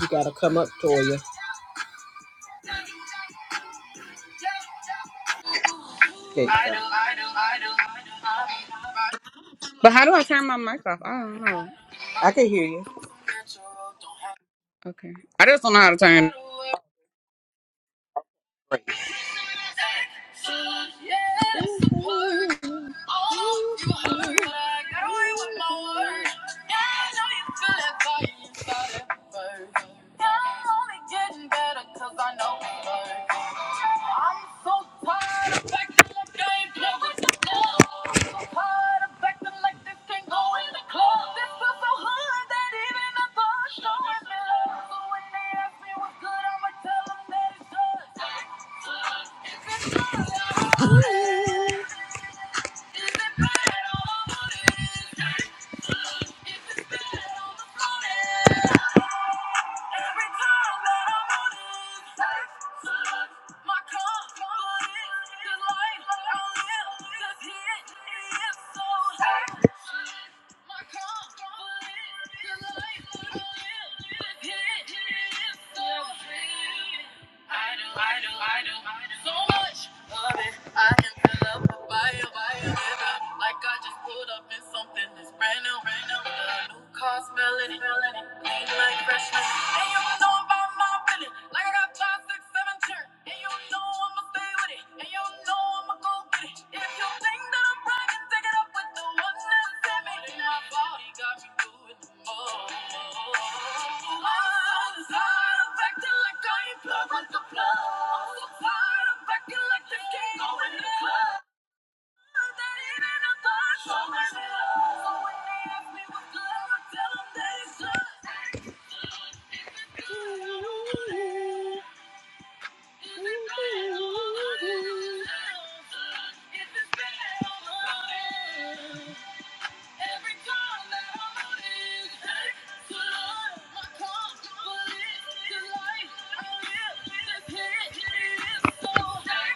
You gotta come up, Toya. Okay. I do, I do, I do, I do, I But how do I do. turn my mic off? I don't know. I can hear you. Okay. I just don't know how to turn. Showing me love, so when they ask me what's good, I'ma tell them that it's good. My Yeah. I do, I do, I do, I do so much of it. I can fill up a bio, bio, nigga. Like I just pulled up in something that's brand new, brand new. The new car smelling, smelling, clean like freshness. And you know about my feeling, like I got five, six, seven children. And you know I'm a and you know I'ma go get it. If you think that I'm bragging, take it up with the one that sent me. my body got me doing the most. I'm so tired of acting like I ain't plug with the plug. I'm so tired of acting like this can't go in the club. That even I thought so much love. So when they ask me what's love, I tell 'em that it's love. It's a bad habit. Every time that I'm holding on, I live the life. I live the pain. It is so dark.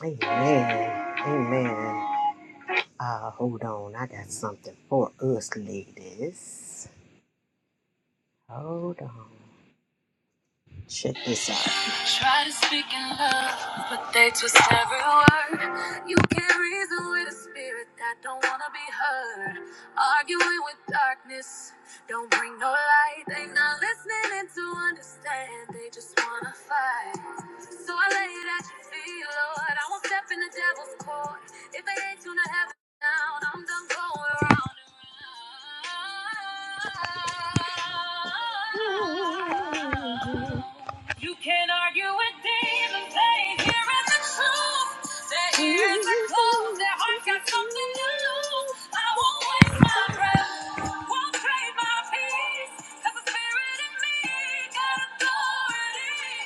Amen. Amen. Uh, hold on. I got something for us ladies. Hold on. Check this out. Try to speak in love, but they twist every word. You can't reason with a spirit that don't wanna be heard. Arguing with darkness, don't bring no light. They not listening in to understand, they just wanna fight. So I lay it at your feet, Lord. I won't step in the devil's court. If they ain't tuned to heaven down, I'm done going round and round. You can't argue with demons, they hearing the truth. Their ears are closed, their hearts got something to lose. I won't waste my breath, won't trade my peace. 'Cause the spirit in me got authority.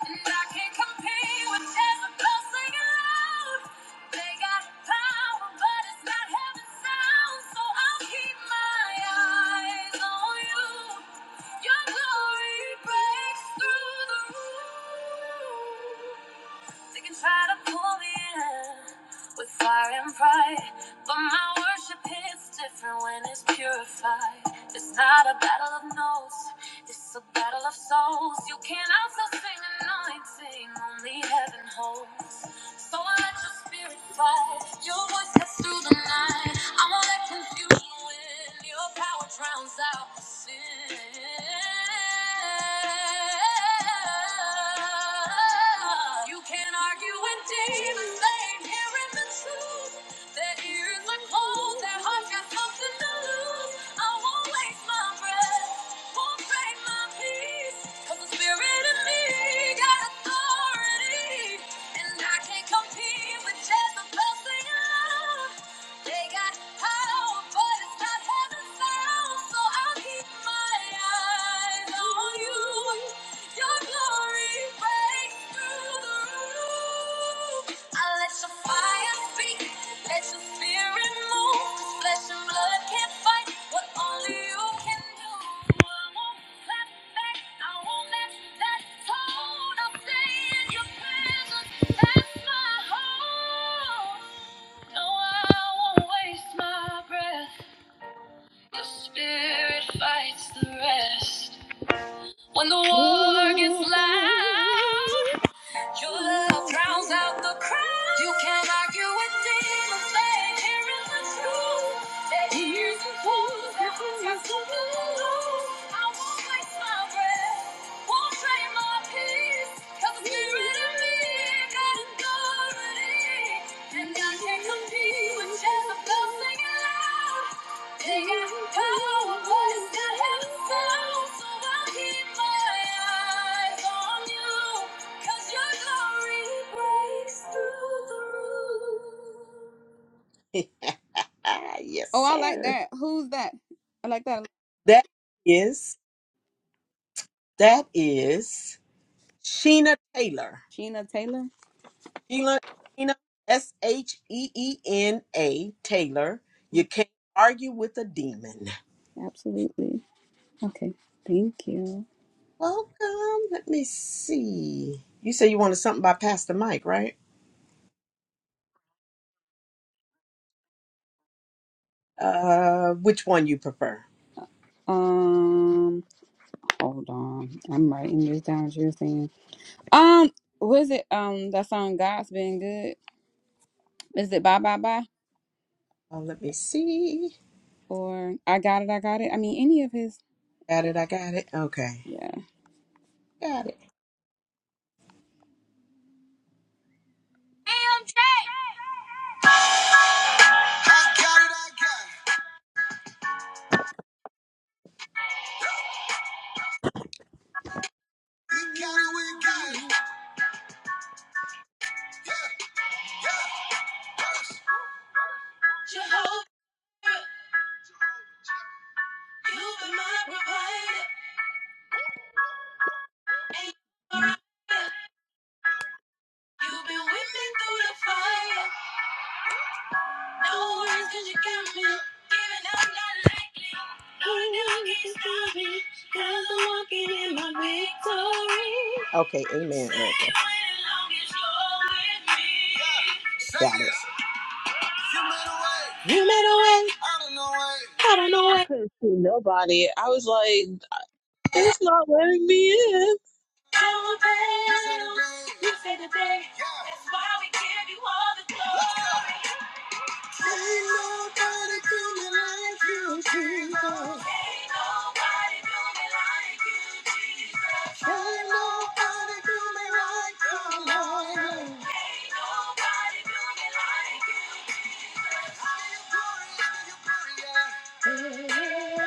And I can't compete with Jezebel singing loud. They got power, but it's not heaven sound. So I'll keep my eyes on you. Your glory breaks through the roof. They can try to pull me in with fire and pride, but my worship hits different when it's purified. It's not a battle of notes, it's a battle of souls. You can't outsell sing anointing, only heaven holds. So I let your spirit fly. Your voice cuts through the night. i won't let confusion win. your power drowns out the sin. You can't argue when demons they hearing the truth. Their ears are cold, their hearts got something to lose. I won't waste my breath, won't trade my peace. 'Cause the spirit in me got authority. And I can't compete with Jezebel singing love. They got power, but it's not heaven found. So I'll keep my eyes on you. Your glory breaks through the roof. I let your fire speak, let your spirit move. 'Cause flesh and blood can't fight what only you can do. I won't clap back, I won't let that tone. I'll stay in your presence. That's my home. No, I won't waste my breath. Your spirit fights the rest. When the war gets loud, your love drowns out the crowd. You can't argue with demons, babe. Here is the truth. That here's the truth. That was my super lose. I won't waste my breath. Won't trade my peace. Cause it's been rid of me. Got authority. And I can't compete with Jezebel singing loud. They got power, but it's got So I'll keep my eyes on you. Cause your glory breaks through the roof. yes, Oh, I like sir. that. Who's that? I like that. That is, that is Sheena Taylor. Sheena Taylor. Sheena, Sheena, S H E E N A Taylor. You Mm, can't argue with a demon. Absolutely. Okay. Thank you. Welcome. Let me see. You say you wanted something by Pastor Mike, right? Uh, which one you prefer? Um, hold on. I'm writing this down. What you're saying. Um, was it um that song "God's Been Good"? Is it "Bye Bye Bye" Uh, let me see. or "I Got It, I Got It"? I mean, any of his. Got it. I got it. Okay. Yeah. Got it. Yeah, yeah. Okay, amen. Erica. Got it. You made a way. I don't know way. I I couldn't see nobody. I was like, it's not letting me in. don't know You said the day. You said the day. That's why we give you all the glory. Ain't nobody do me like you, Jesus. Ain't nobody do me like you, Jesus. Ain't nobody do me like you, Lord. Ain't nobody do me like you, Jesus. Glory, yeah, you glory, yeah. Never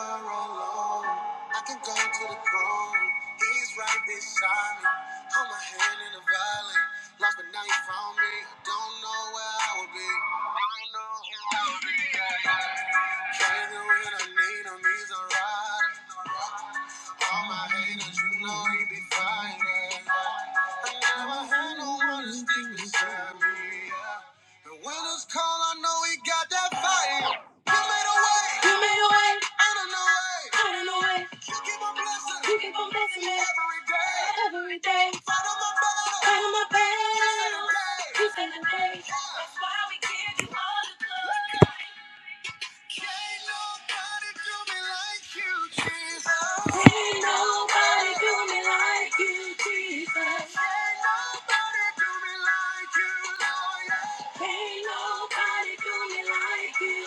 alone. I can go to the throne. He's right beside me. Hold my hand in the valley. Lost but now you found me. I don't know where I would be. I don't know where I would be. Yeah, yeah. Baby, when I need him, he's a rider. All my haters, you know he be fighting. I never had no one to stick beside me. yeah. And when it's cold, I know he got that fire. You made a way. You made a way. Out of no way. Out of no way. You keep on blessing. You keep on blessing me. Every day. Every day. Fight on my battle. Fight on my battle. You say the day. You say the day. Yeah. That's why we give you all the glory. Can't nobody do me like you, Jesus. can nobody do me like you, Jesus. can nobody do me like you, Lord. can nobody do me like you.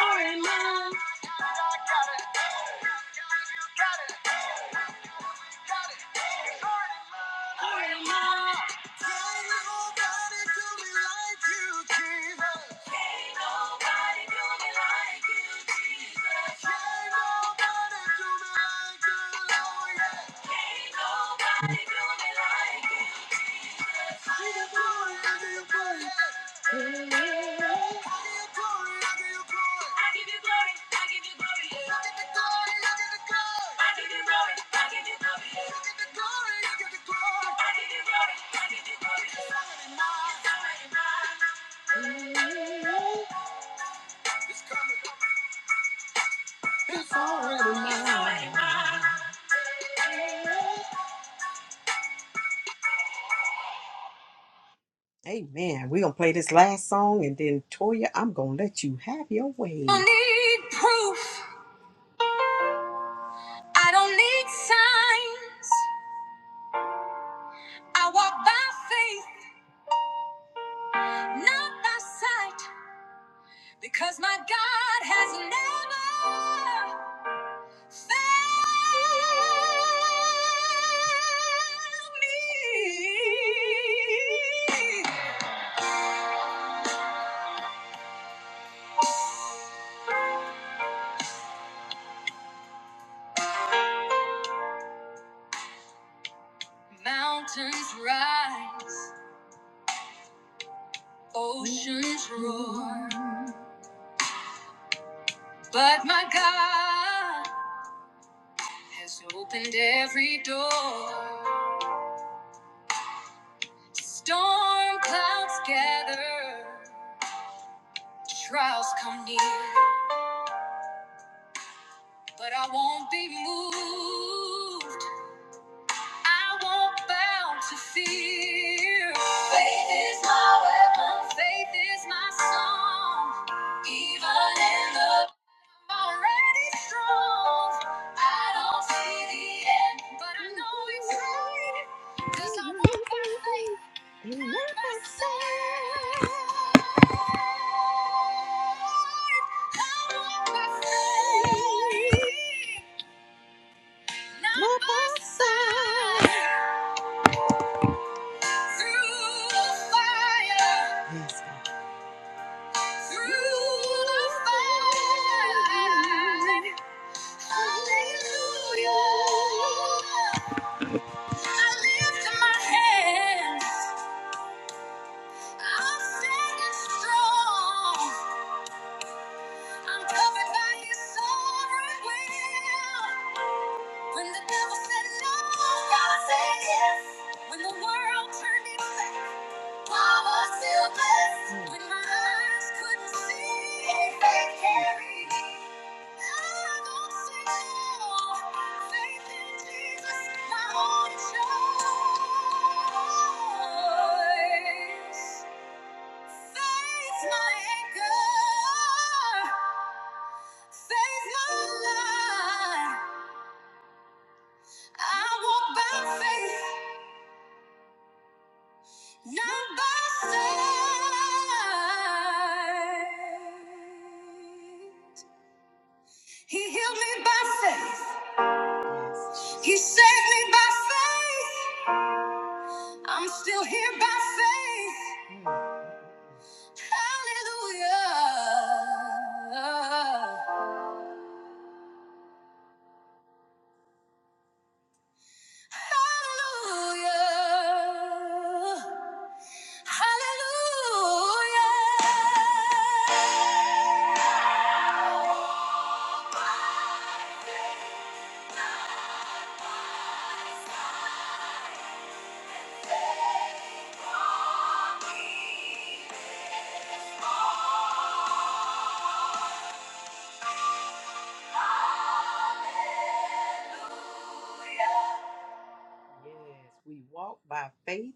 Already mine. Can't nobody do me like you, Jesus. Can't nobody do me like you, Jesus. Can't nobody do me like you, Lord. Yeah. Can't nobody do me like you. Amen. We're going to play this last song and then, Toya, I'm going to let you have your way. I don't need proof. I don't need signs. I walk by faith, not by sight. Because my God has never failed me. Mountains rise, oceans roar, but my God has opened every door. Storm clouds gather, trials come near, but I won't be moved. I won't bow to fear. Faith is my weapon. Faith is my song. Even in the already strong. I don't see the end, but I know it's right. 'Cause I walk by faith, not by sight. I walk by faith, not by sight. When the devil said no, God said yes. When the world turned its back Not by sight. He healed me by faith. He saved me by faith. I'm still here by faith. Hallelujah. Hallelujah. Hallelujah. Yes, we walk by faith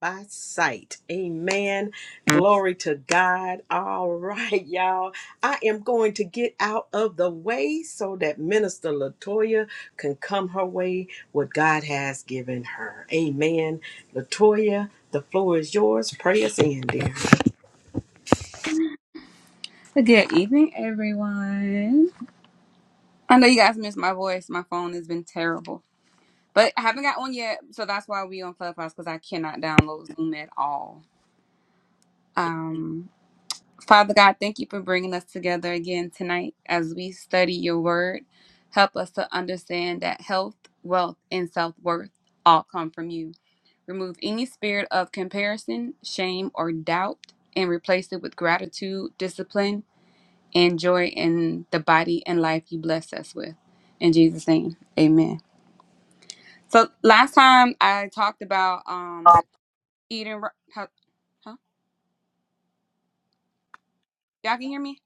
by sight. Amen. Glory to God. All right, y'all. I am going to get out of the way so that Minister Latoya can come her way what God has given her. Amen. Latoya, the floor is yours. Pray us in, dear. Good evening, everyone. I know you guys missed my voice. My phone has been terrible. But I haven't got one yet, so that's why we on Clubhouse because I cannot download Zoom at all. Um, Father God, thank you for bringing us together again tonight as we study your word. Help us to understand that health, wealth, and self worth all come from you. Remove any spirit of comparison, shame, or doubt, and replace it with gratitude, discipline, and joy in the body and life you bless us with. In Jesus' name, amen. So last time I talked about um Eating, huh? huh? Y'all can hear me?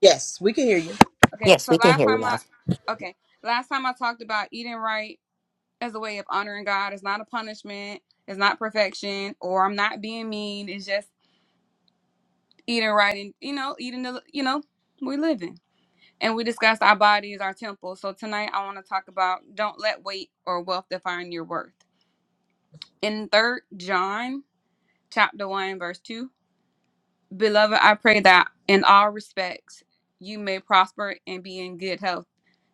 Yes, we can hear you. Okay, Yes, so we can last hear you time I, loud. okay, last time I talked about eating right as a way of honoring God. It's not a punishment. It's not perfection, or I'm not being mean. It's just eating right, and you know, eating the, you know, we living. And we discussed our bodies, our temple. So tonight I want to talk about don't let weight or wealth define your worth. In third John chapter one verse two, beloved, I pray that in all respects you may prosper and be in good health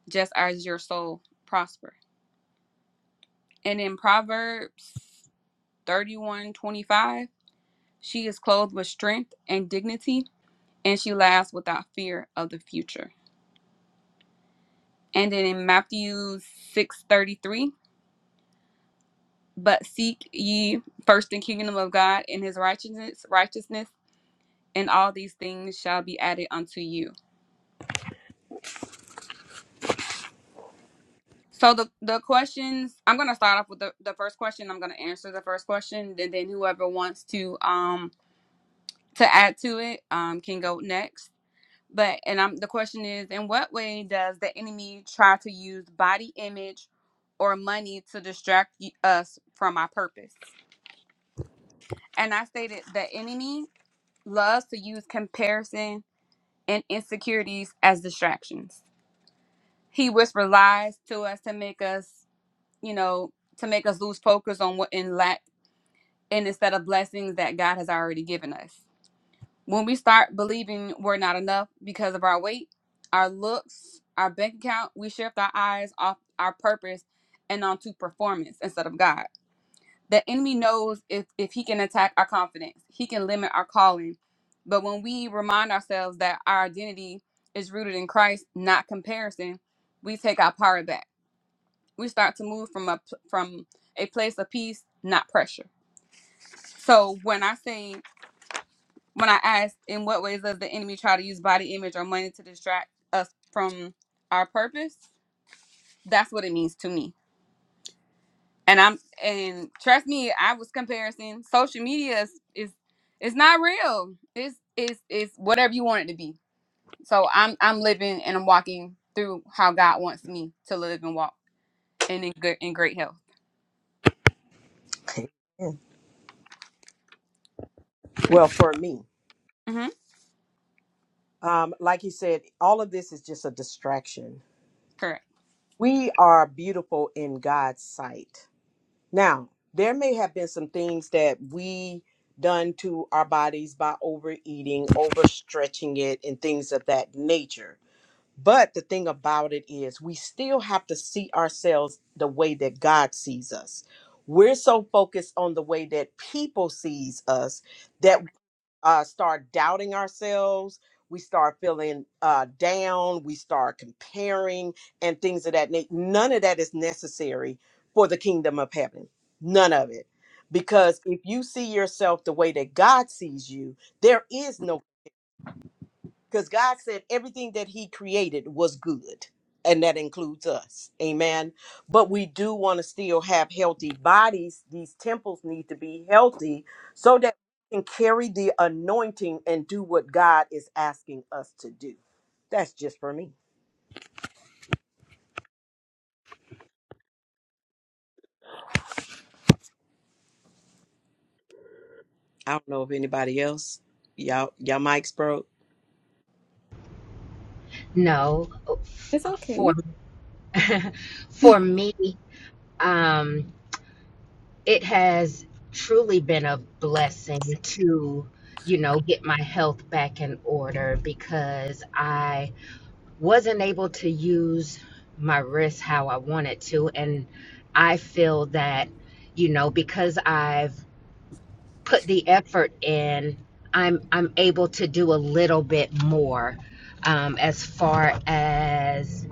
just as your soul prosper. And in Proverbs 31:25, she is clothed with strength and dignity, and she laughs without fear of the future. And then in Matthew 6:33, but seek ye first the kingdom of God and his righteousness, righteousness, and all these things shall be added unto you. So the, the questions I'm gonna start off with the, the first question. I'm gonna answer the first question, and then whoever wants to um to add to it um, can go next. But and I'm the question is, in what way does the enemy try to use body image or money to distract y- us from our purpose? And I stated the enemy loves to use comparison and insecurities as distractions. He whispers lies to us to make us, you know, to make us lose focus on what in lack and instead of blessings that God has already given us. When we start believing we're not enough because of our weight, our looks, our bank account, we shift our eyes off our purpose and onto performance instead of God. The enemy knows if, if he can attack our confidence, he can limit our calling. But when we remind ourselves that our identity is rooted in Christ, not comparison, we take our power back. We start to move from a from a place of peace, not pressure. So when I say when I asked, in what ways does the enemy try to use body image or money to distract us from our purpose? That's what it means to me. And I'm and trust me, I was comparison. Social media is is it's not real. It's it's it's whatever you want it to be. So I'm I'm living and I'm walking through how God wants me to live and walk and in good in great health. Well, for me, hmm um, like you said, all of this is just a distraction. Correct. We are beautiful in God's sight. Now, there may have been some things that we done to our bodies by overeating, overstretching it, and things of that nature. But the thing about it is, we still have to see ourselves the way that God sees us. We're so focused on the way that people sees us that Right. uh, start doubting ourselves. We start feeling uh, down. We start comparing and things of that nature. None of that is necessary for the kingdom of heaven. None of it. Because if you see yourself the way that God sees you, there is no because God said everything that He created was good, and that includes us. Amen. But we do want to still have healthy bodies. These temples need to be healthy so that we can carry the anointing and do what God is asking us to do. That's just for me. I don't know if anybody else. Y'all, y'all mics broke. No, f- It's okay. for for me, um, it has truly been a blessing to, you know, get my health back in order because I wasn't able to use my wrist how I wanted to, and I feel that, you know, because I've put the effort in, I'm I'm able to do a little bit more, um, as far as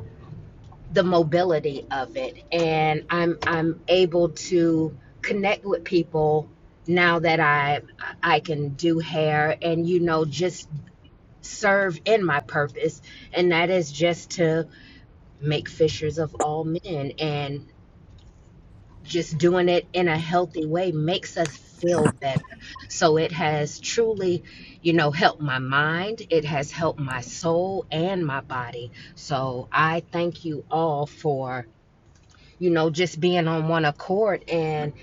the mobility of it and i'm i'm able to connect with people now that i i can do hair and you know just serve in my purpose and that is just to make fishers of all men and just doing it in a healthy way makes us feel better so it has truly you know helped my mind it has helped my soul and my body so i thank you all for you know just being on one accord and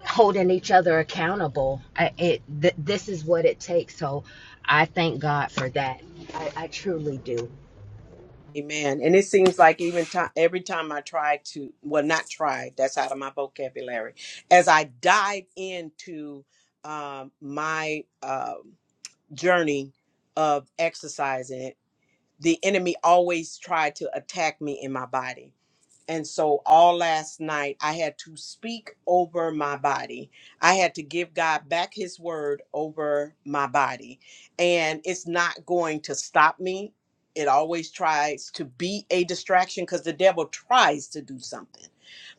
holding each other accountable I, it th- this is what it takes so i thank god for that i, I truly do Amen. And it seems like even time, every time I try to, well, not try, that's out of my vocabulary. As I dive into um, my uh, journey of exercising, the enemy always tried to attack me in my body. And so all last night, I had to speak over my body. I had to give God back his word over my body. And it's not going to stop me. It always tries to be a distraction because the devil tries to do something,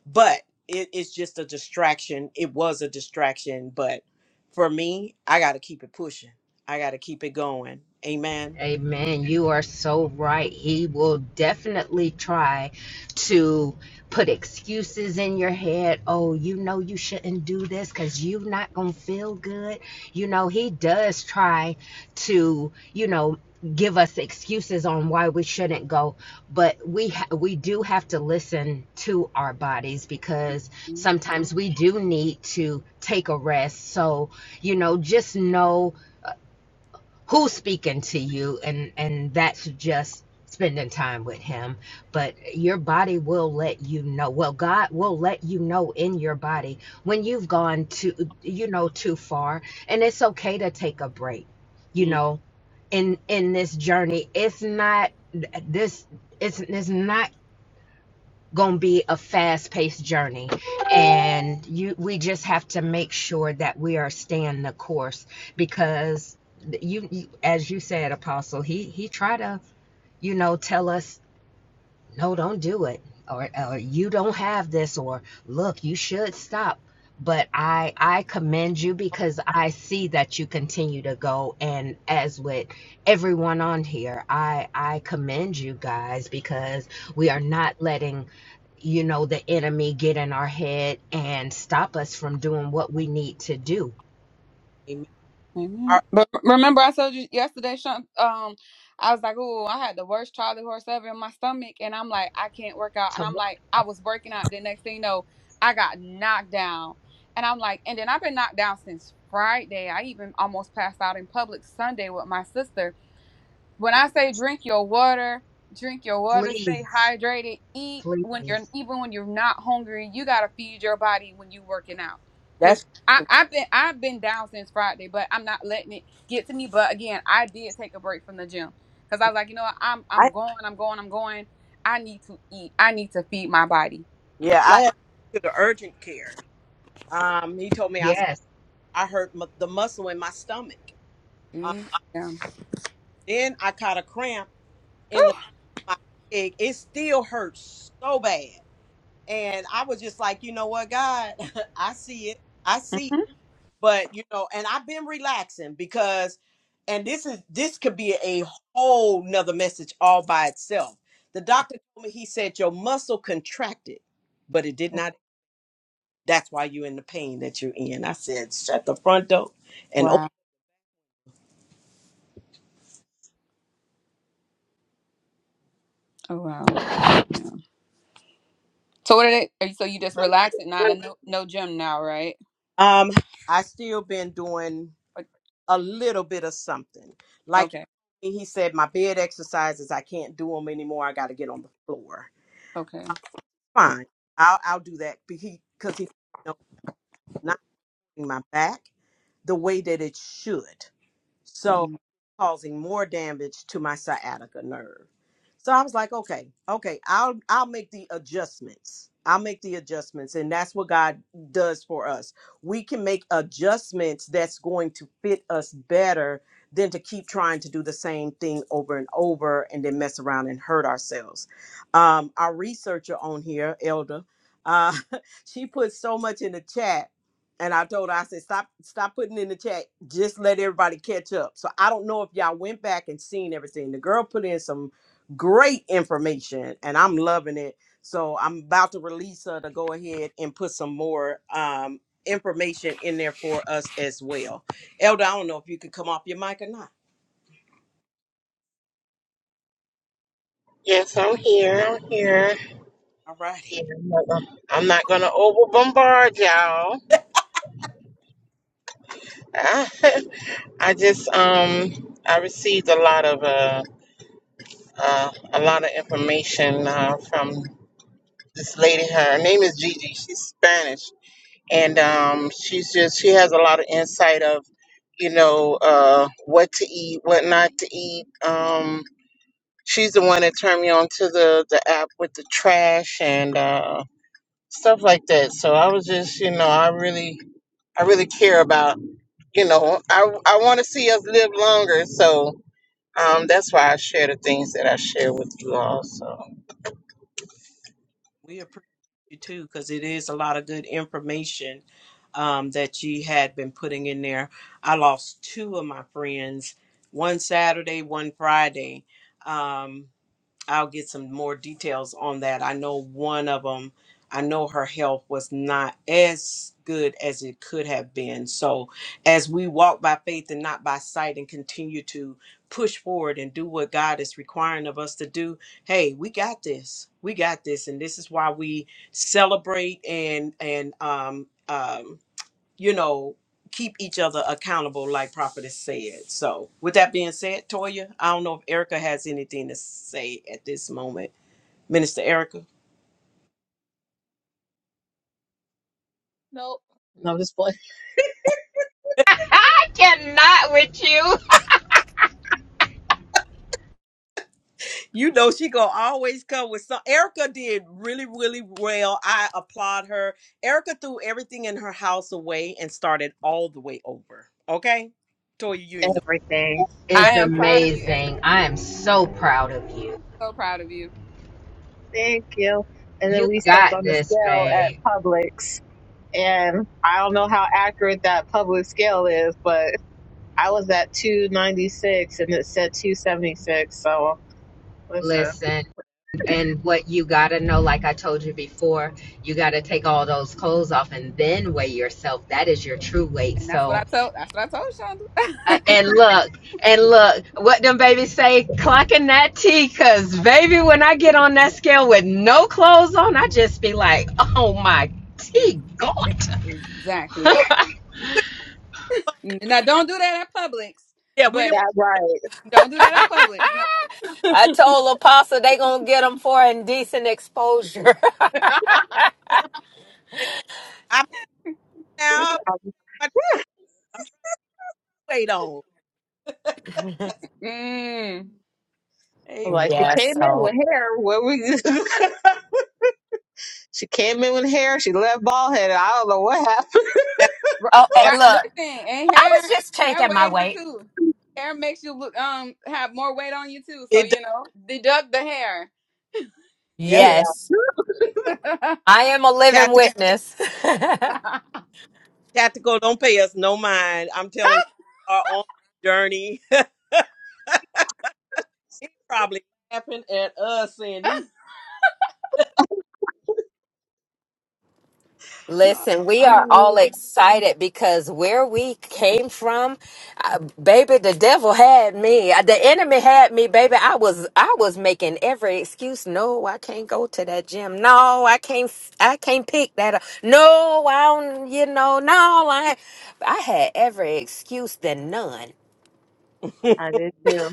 but it is just a distraction. It was a distraction. But for me, I got to keep it pushing, I got to keep it going. Amen. Amen. You are so right. He will definitely try to put excuses in your head. Oh, you know you shouldn't do this because you're not going to feel good. You know, he does try to, you know, give us excuses on why we shouldn't go but we ha- we do have to listen to our bodies because sometimes we do need to take a rest so you know just know who's speaking to you and and that's just spending time with him but your body will let you know well god will let you know in your body when you've gone to, you know too far and it's okay to take a break you Mm, know in in this journey it's not this it's, it's not going to be a fast-paced journey and you we just have to make sure that we are staying the course because you, you as you said apostle he he tried to you know tell us no, don't do it. Or, or you don't have this, or look, you should stop. But I, I commend you because I see that you continue to go. And as with everyone on here, I, I commend you guys because we are not letting you know, the enemy get in our head and stop us from doing what we need to do. Amen. All Amen. right, But remember, I told you yesterday, Sean, um, I was like, oh, I had the worst Charlie horse ever in my stomach. And I'm like, I can't work out. And To I'm like, I was working out. The next thing you know, I got knocked down. And I'm like, and then I've been knocked down since Friday. I even almost passed out in public Sunday with my sister when I say drink your water, drink your water, stay please, hydrated, eat when you're please, even when you're not hungry, you gotta feed your body when you working out. Cause That's, I, I've been I've been down since Friday, but I'm not letting it get to me. But again, I did take a break from the gym. Cause I was like, you know what, I'm I, I'm going, I'm going, I'm going. I need to eat. I need to feed my body. yeah, I Like have to go to the urgent care Um, he told me I, yes. I hurt mu- the muscle in my stomach. Um, mm, yeah. then I caught a cramp in the my leg. It still hurts so bad, and I was just like, you know what, God, I see it, I see. it. Mhm. But you know, and I've been relaxing because, and this is this could be a whole nother message all by itself. The doctor told me he said your muscle contracted, but it did not. That's why you're in the pain that you're in. I said, shut the front door and open Wow. Oh wow. So what are they? Are you, so you just relax at nine? and No, no gym now, right? Um, I still been doing But- a little bit of something. Like Okay. he said, my bed exercises I can't do them anymore. I got to get on the floor. Okay. Fine, I'll I'll do that because he, 'cause he knows not my back the way that it should. so causing more damage to my sciatica nerve. So I was like, okay, okay, I'll I'll make the adjustments. I'll make the adjustments, and that's what God does for us. We can make adjustments that's going to fit us better than to keep trying to do the same thing over and over and then mess around and hurt ourselves. Um, our researcher on here, Elder, uh, she put so much in the chat and I told her, I said, stop, stop putting in the chat. Just let everybody catch up. So I don't know if y'all went back and seen everything. The girl put in some great information and I'm loving it. So I'm about to release her to go ahead and put some more um, information in there for us as well. Elder, I don't know if you could come off your mic or not. Yes, I'm here. I'm here. All righty. Yeah, I'm not gonna I'm not gonna over bombard y'all. I just um I received a lot of uh, uh a lot of information uh, from this lady. Her name is Gigi. She's Spanish, and um she's just she has a lot of insight of you know uh what to eat, what not to eat. Um, she's the one that turned me on to the the app with the trash and. uh stuff like that. So I was just, you know, I really, I really care about, you know, I, I want to see us live longer. So um, that's why I share the things that I share with you all. So We appreciate you too, because it is a lot of good information um, that you had been putting in there. I lost two of my friends, one Saturday, one Friday. Um, I'll get some more details on that. I know one of them, I know her health was not as good as it could have been. So, as we walk by faith and not by sight and continue to push forward and do what God is requiring of us to do, hey, we got this. We got this. And this is why we celebrate and, and, um, um, you know, keep each other accountable, like Prophetess said. So, with that being said, Toya, I don't know if Erica has anything to say at this moment. Minister Erica Nope. No, just playing. I cannot with you. you know she gonna always come with some erica did really really well i applaud her erica threw everything in her house away and started all the way over okay toya you ain't know Everything. Eh, I is am proud of you, Eric. amazing. I am so proud of you. So proud of you. Thank you. And then You're, You we stepped got on the this, scale at babe. Publix. And I don't know how accurate that Publix scale is, but I was at 296 and it said 276. So listen. Listen, yeah, and what you got to know, like I told you before, you got to take all those clothes off and then weigh yourself. That is your true weight. and that's what I So, told. That's what I told uh, Shonda. and look, and look, what them babies say, clocking that T, because like that. baby, when I get on that scale with no clothes on, I just be like, oh my Ex- T, ex- God. Exactly. but- but, Now, don't do that at Publix. yeah we But didn't That right. don't do that at Publix. No. I told Apostle they gonna get them for indecent exposure. i'm now Um, I'm trying to wait on. mm. I'm Amen. like she Yeah, came in so with hair. What we? she came in with hair. She left bald headed. I don't know what happened. That- Right, oh eh, that- right. look, Listen, and I hair, was just hair checking my weighs it weight. too. Hair makes you look um have more weight on you too. So It does. you know, deduct the hair. Yeah. Yeah. Yes, I am a living Tactical, witness. tactical. Don't pay us no mind. I'm telling you, we are on the journey. he probably laughing at us saying, "You Listen, we are Oh, all excited because where we came from, uh, baby, the devil had me. Uh, The enemy had me, baby. I was I was making every excuse. No, I can't go to that gym. No, I can't I can't pick that up. No, I don't, you know, no, I I had every excuse than none. I did too.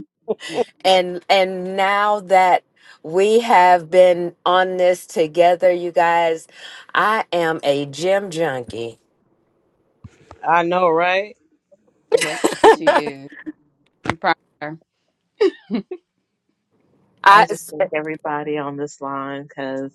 yeah. and and now that we have been on this together you guys i am a gym junkie I know, right? Yep. She is. I'm proud of her. I i just thank everybody on this line because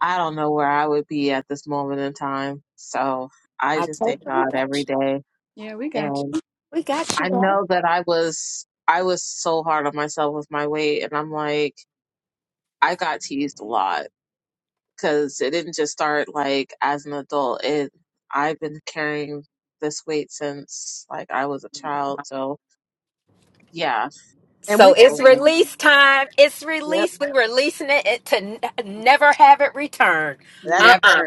I don't know where I would be at this moment in time. So I i just told thank you we God got every you day. Yeah, we got you. And we got you I bro know that I was, I was so hard on myself with my weight. And I'm like, I got teased a lot because it didn't just start like as an adult. It, I've been carrying this weight since like I was a child. So yeah. And so we it's And, release time it's yep. release we're releasing it it- to n- never have it returned. uh-uh Never.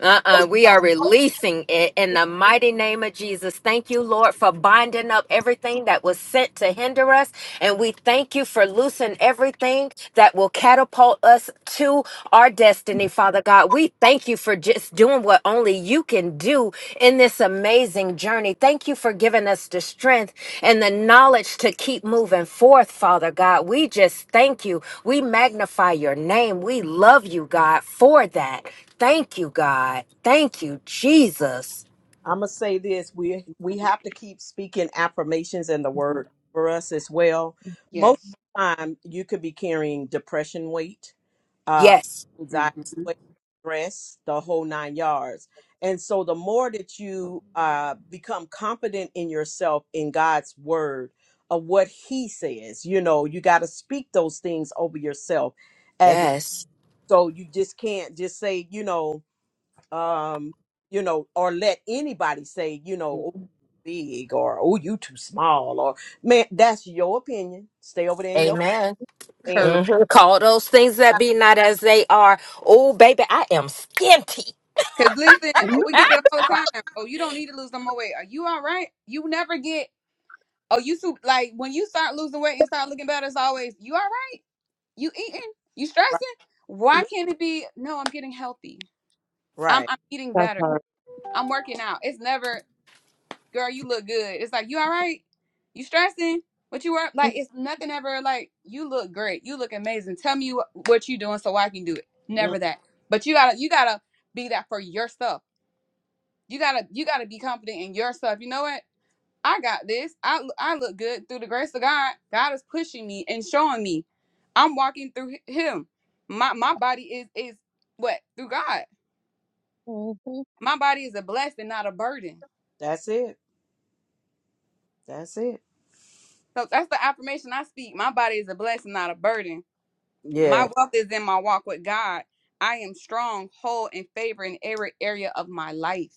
Uh-uh, we are releasing it in the mighty name of Jesus. Thank you, Lord, for binding up everything that was sent to hinder us. And we thank you for loosing everything that will catapult us to our destiny, Father God. We thank you for just doing what only you can do in this amazing journey. Thank you for giving us the strength and the knowledge to keep moving forth, Father God. We just thank you. We magnify your name. We love you, God, for that. Thank you, God. Thank you, Jesus. I'm gonna say this: we we have to keep speaking affirmations and the word for us as well. Most Yes. of the time, you could be carrying depression weight, uh, Yes. hmm anxiety weight, stress, the whole nine yards. And so, the more that you uh, become confident in yourself, in God's word, of what He says, you know, you got to speak those things over yourself. As Yes. so, you just can't just say, you know um, you know, or let anybody say, you know, "Oh, big or oh, you too small or man, that's your opinion. Stay over there in your Amen. and hmm Correct. Call those things that be not as they are. Oh, baby, I am skinty. Cause listen, oh, we get it all the time. Oh, you don't need to lose no more weight. Are you all right? You never get. Oh, you too. Like when you start losing weight and start looking better, it's always you all right. You eating? You stressing? right, Why can't it be? No, I'm getting healthy. I'm right. I'm eating That's better. hard. I'm working out. It's never. girl, you look good. It's like, you all right? You stressing? What you were like? It's nothing ever like you look great. You look amazing. Tell me wh- what you doing so I can do it. Mm, Never that. But you gotta you gotta be that for yourself. You gotta you gotta be confident in yourself. You know what? I got this. I l- I look good through the grace of God. God is pushing me and showing me. I'm walking through hi- Him. My my body is is what through God. Mhm. My body is a blessing, not a burden. That's it. That's it. So that's the affirmation I speak. My body is a blessing, not a burden Yeah. My wealth is in my walk with God. I am strong, whole, and favored in every area of my life.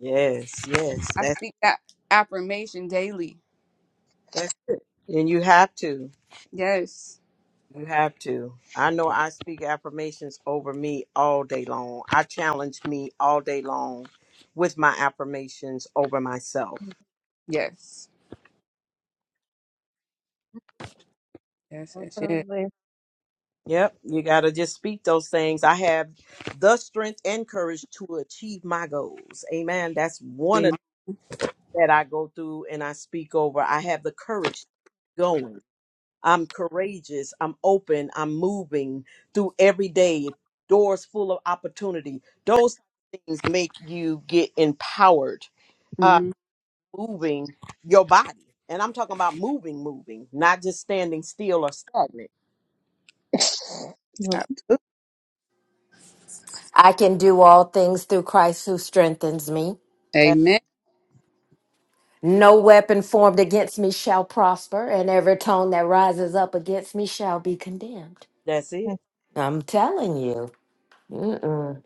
Yes. Yes. I That's speak that affirmation daily. that's and you have to. Yes, You have to. I know I speak affirmations over me all day long. I challenge me all day long with my affirmations over myself. yes, yes, yes, yes. Definitely. Yep, you got to just speak those things. I have the strength and courage to achieve my goals. Amen. That's one of Amen. that I go through and I speak over. I have the courage to keep going. I'm courageous. I'm open. I'm moving through every day. Doors full of opportunity. Those things make you get empowered. Uh, Mhm. moving your body, and I'm talking about moving, moving, not just standing still or stagnant. Absolutely. I can do all things through Christ who strengthens me. That Amen. No weapon formed against me shall prosper, and every tongue that rises up against me shall be condemned. that's Yeah. it. I'm telling you, mm-mm.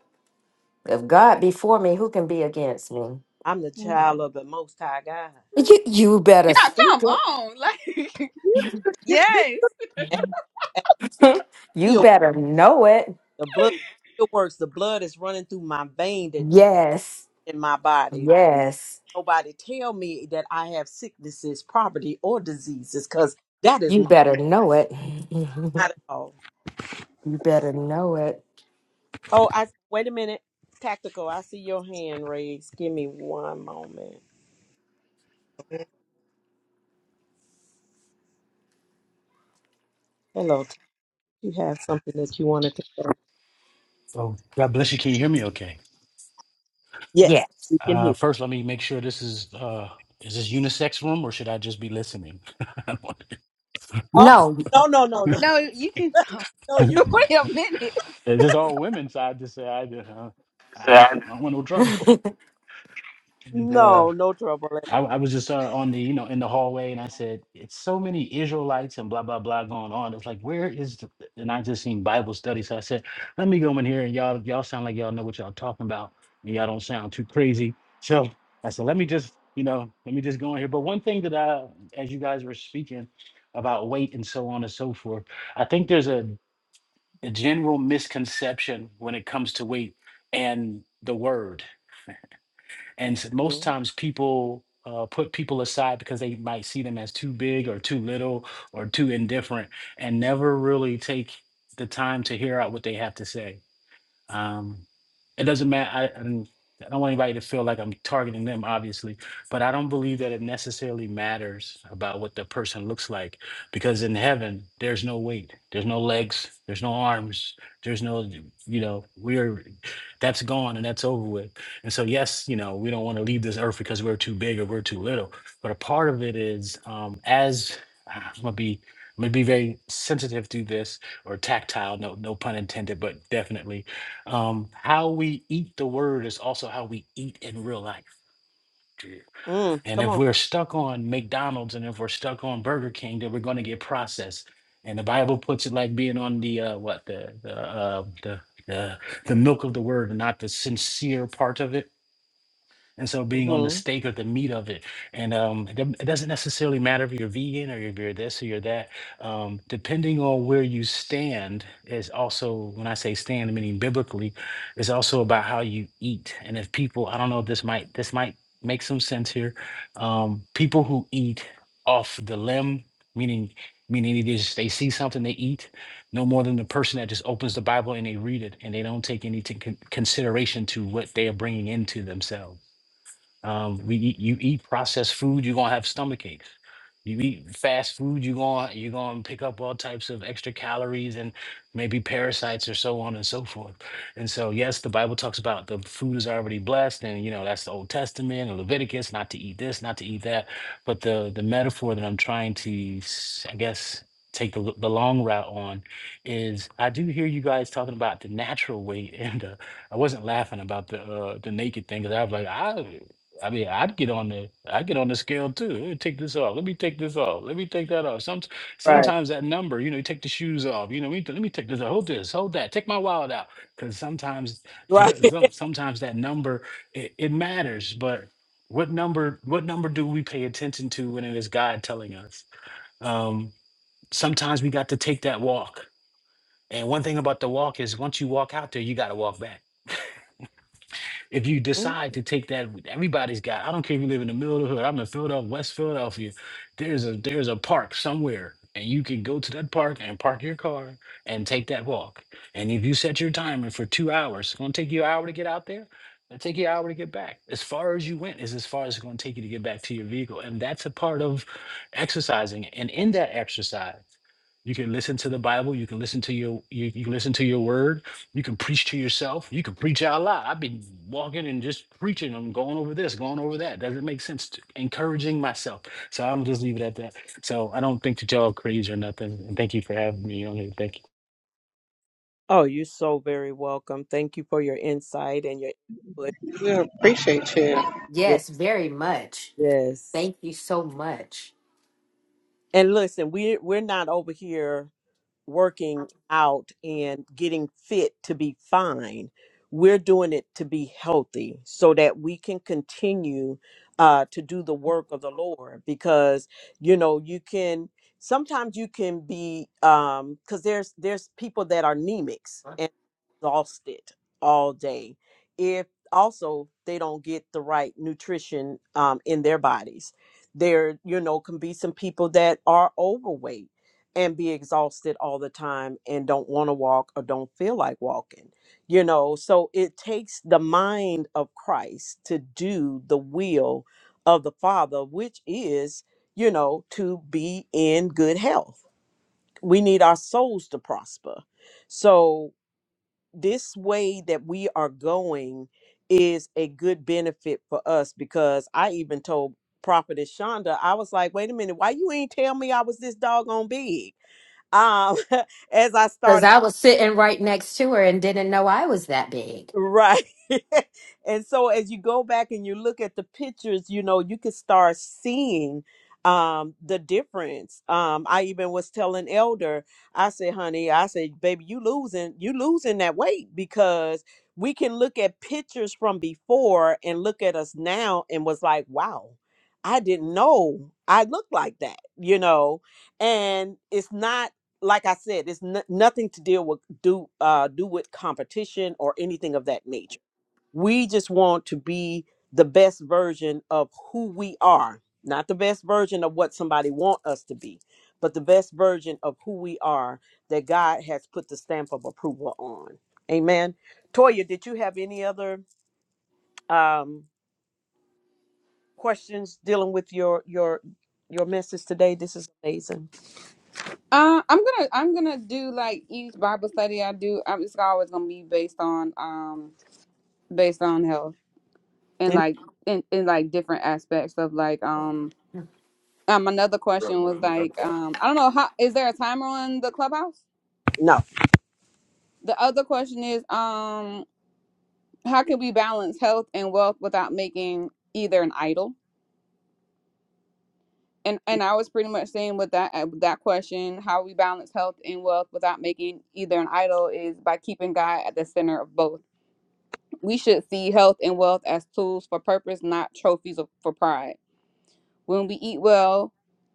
if God be for me, who can be against me? I'm the No, child of the Most High God. You, you better Yeah, speak come on. Like, yes. And, and it. you still, better know it. the blood still works. The blood is running through my vein that Yes. in my body. Yes. Nobody tell me that I have sicknesses, poverty, or diseases, because that is You not, better know it. you not at all. better know it. Oh, I wait a minute. Tactical, I see your hand raised. Give me one moment. Hello, t- you have something that you wanted to say? Oh, God bless you. Can you hear me okay? Yes, Yes. we can Uh, hear. first, let me make sure this is uh, is this unisex room or should I just be listening? Oh, No. no, no, no, no, No, you can talk. no. You Wait a minute. It's just all women, so I just say I, uh, I, didn't, I don't want no trouble. And uh, no, no trouble. I, I was just uh, on the, you know, in the hallway, and I said, "It's so many Israelites and blah blah blah going on." It's like, where is? The, and I just seen Bible study, so I said, "Let me go in here, and y'all, y'all sound like y'all know what y'all talking about, and y'all don't sound too crazy." So I said, "Let me just, you know, let me just go in here." But one thing that I, as you guys were speaking about weight and so on and so forth, I think there's a, a general misconception when it comes to weight and the word and s- most Mm, times people uh, put people aside because they might see them as too big or too little or too indifferent and never really take the time to hear out what they have to say um, it doesn't matter. I, I don't I don't want anybody to feel like I'm targeting them, obviously, but I don't believe that it necessarily matters about what the person looks like because in heaven, there's no weight, there's no legs, there's no arms, there's no, you know, we're that's gone and that's over with. And so, yes, you know, we don't want to leave this earth because we're too big or we're too little, but a part of it is um, as ah, I'm gonna be. I'm gonna be very sensitive to this or tactile, no, no pun intended, but definitely um, how we eat the word is also how we eat in real life. Yeah. mm, And come if on. we're stuck on McDonald's and if we're stuck on Burger King, then we're going to get processed. And the Bible puts it like being on the uh, what the the uh, the the the milk of the word and not the sincere part of it. And so being on the hmm steak or the meat of it, and um, it doesn't it doesn't necessarily matter if you're vegan or if you're this or you're that. Um, depending on where you stand is also when I say stand, meaning biblically, is also about how you eat. And if people, I don't know, if this might this might make some sense here. Um, people who eat off the limb, meaning meaning they just they see something they eat, no more than the person that just opens the Bible and they read it and they don't take any to con- consideration to what they are bringing into themselves. Um, we eat, you eat processed food, you're gonna have stomach aches. You eat fast food, you're gonna you're gonna pick up all types of extra calories and maybe parasites or so on and so forth. And so, yes, the Bible talks about the food is already blessed, and you know that's the Old Testament and Leviticus, not to eat this, not to eat that. But the the metaphor that I'm trying to, s- I guess, take the l- the long route on is I do hear you guys talking about the natural weight, and uh, I wasn't laughing about the uh, the naked thing because I was like, I I mean, I'd get on the I'd get on the scale too. Let me take this off. Let me take this off. Let me take that off. Some Right. sometimes that number, you know, you take the shoes off. You know, we let me take this. off. Hold this. Hold that. Take my wallet out. Because sometimes, Right. some sometimes that number it, it matters. But what number what number do we pay attention to when it is God telling us? Um, sometimes we got to take that walk. And one thing about the walk is once you walk out there, you got to walk back if you Mm. decide to take that, everybody's got. I don't care if you live in the middle of the hood. I'm in Philadelphia, West Philadelphia. There's a there's a park somewhere, and you can go to that park and park your car and take that walk. And if you set your timer for two hours, it's gonna take you an hour to get out there. It'll take you an hour to get back. As far as you went is as far as it's going to take you to get back to your vehicle. And that's a part of exercising. And in that exercise, you can listen to the Bible. You can listen to your you, you can listen to your word. You can preach to yourself. You can preach out loud. I've been walking and just preaching. I'm going over this, going over that. Doesn't make sense. To, encouraging myself. So I'm just leave it at that. So I don't think that y'all crazy or nothing. And thank you for having me on here. Thank you. Oh, you're so very welcome. Thank you for your insight and your input. we appreciate you. Yes. Yes, very much. yes. Thank you so much. And listen, we we're not over here. working out and getting fit to be fine. We're doing it to be healthy so that we can continue uh, to do the work of the Lord because, you know, you can sometimes you can be um because there's there's people that are anemics and exhausted all day if also they don't get the right nutrition um in their bodies there you know can be some people that are overweight and be exhausted all the time and don't want to walk or don't feel like walking. You know, so it takes the mind of Christ to do the will of the Father, which is, you know, to be in good health. We need our souls to prosper. So, this way that we are going is a good benefit for us because I even told Prophetess Shonda, I was like, wait a minute, why you ain't tell me I was this doggone big? um as i Because started I was sitting right next to her and didn't know I was that big. right and so as you go back and you look at the pictures you know you can start seeing um the difference um i even was telling elder i said honey i said baby you losing you losing that weight because we can look at pictures from before and look at us now and was like wow i didn't know i looked like that you know and it's not like I said, it's n- nothing to deal with do uh, do with competition or anything of that nature. We just want to be the best version of who we are, not the best version of what somebody want us to be, but the best version of who we are that God has put the stamp of approval on. Amen. Toya, did you have any other um, questions dealing with your your your message today? This is amazing. Uh, I'm gonna I'm gonna do like each Bible study I do. I'm it's always gonna be based on um based on health and like in in like different aspects of like um Um, another question was like, um, I don't know how is there a timer on the clubhouse? No, The other question is, um, how can we balance health and wealth without making either an idol? And and I was pretty much saying with that uh, with that question, how we balance health and wealth without making either an idol is by keeping God at the center of both. We should see health and wealth as tools for purpose, not trophies of, for pride. When we eat well,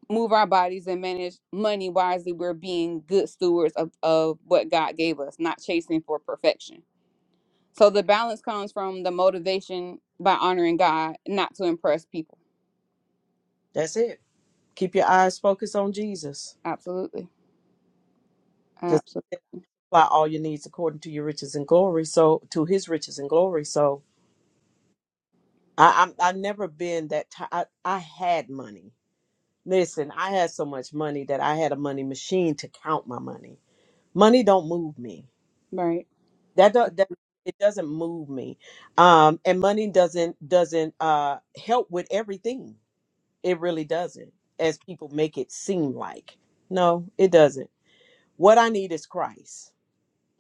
move our bodies, and manage money wisely, we're being good stewards of, of what God gave us, not chasing for perfection. So the balance comes from the motivation by honoring God, not to impress people. that's it. Keep your eyes focused on Jesus. Absolutely. because Absolutely. supply all your needs according to your riches and glory. So to his riches and glory. So I, I'm I've never been that. T- I I had money. Listen, I had so much money that I had a money machine to count my money. Money don't move me. Right. That do, that it doesn't move me. Um, and money doesn't doesn't uh help with everything. It really doesn't, as people make it seem like. No, it doesn't. What I need is Christ,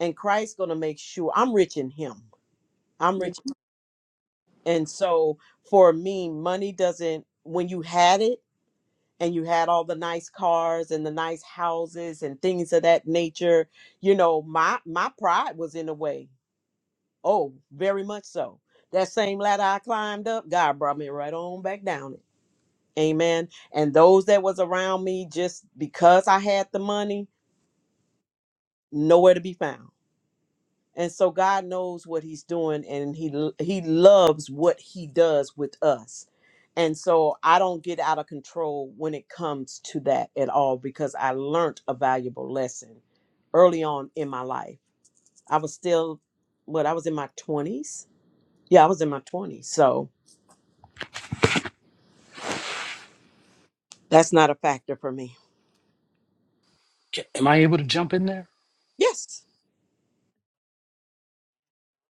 and Christ's gonna make sure I'm rich in Him I'm Yeah. rich. And so for me, money doesn't, when you had it and you had all the nice cars and the nice houses and things of that nature, you know, my my pride was in the way. Oh, very much so. That same ladder I climbed up, God brought me right on back down it. Amen. And those that was around me just because I had the money, nowhere to be found and so God knows what he's doing and he l- he loves what he does with us. And so I don't get out of control when it comes to that at all because I learned a valuable lesson early on in my life. I was still what I was in my 20s. Yeah, I was in my 20s. So that's not a factor for me. Ca- Am I able to jump in there? Yes.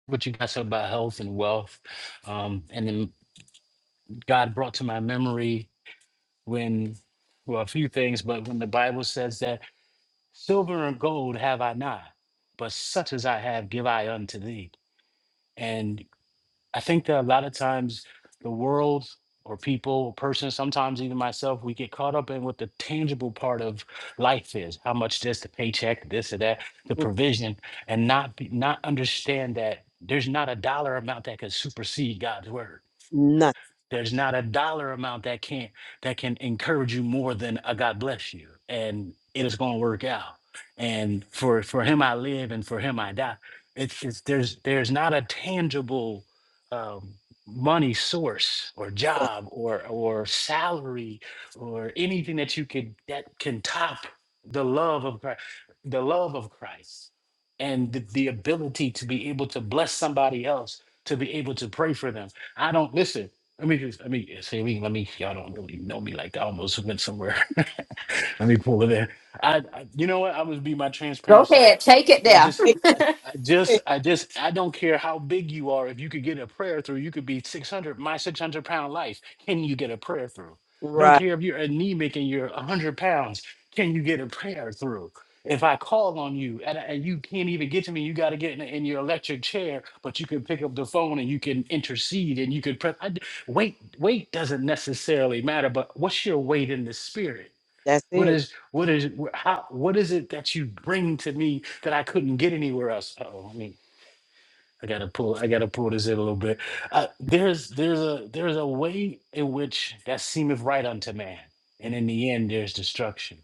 What you guys said about health and wealth, um, and then God brought to my memory when well a few things, but when the Bible says that. Silver and gold have I not, but such as I have give I unto thee. And I think that a lot of times the world or people or person, sometimes even myself, we get caught up in what the tangible part of life is, how much this, the paycheck, this or that, the N- provision, and not be, not understand that there's not a dollar amount that can supersede God's word Nothing. there's not a dollar amount that can that can encourage you more than a God bless you, and it is going to work out. And for for Him I live, and for Him I die. It's, it's there's there's not a tangible um, money source or job or or salary or anything that you could that can top the love of Christ, the love of Christ, and the, the ability to be able to bless somebody else, to be able to pray for them. I don't listen. I mean, just, I mean, see, I mean, let me, y'all don't really know me like that. I almost went somewhere. Let me pull it in. I, I you know what? I'm gonna be my Go transparent self. ahead, take it I'm there. just Eh, I, th- I just eh, I just I don't care how big you are. If you could get a prayer through, you could be 600 my 600 pound life. Can you get a prayer through? I don't Right. care if you're anemic and you're 100 pounds. Can you get a prayer through? If I call on you and, I- and you can't even get to me, you got to get in, in your electric chair, but you can pick up the phone and you can intercede and you could prep. I d- weight, weight doesn't necessarily matter, but what's your weight in the spirit? That's What it. is what is wh- how what is it that you bring to me that I couldn't get anywhere else? Oh, I mean, I gotta pull I gotta pull this in a little bit. Uh, there's there's a there's a way in which that seemeth right unto man, and in the end there's destruction.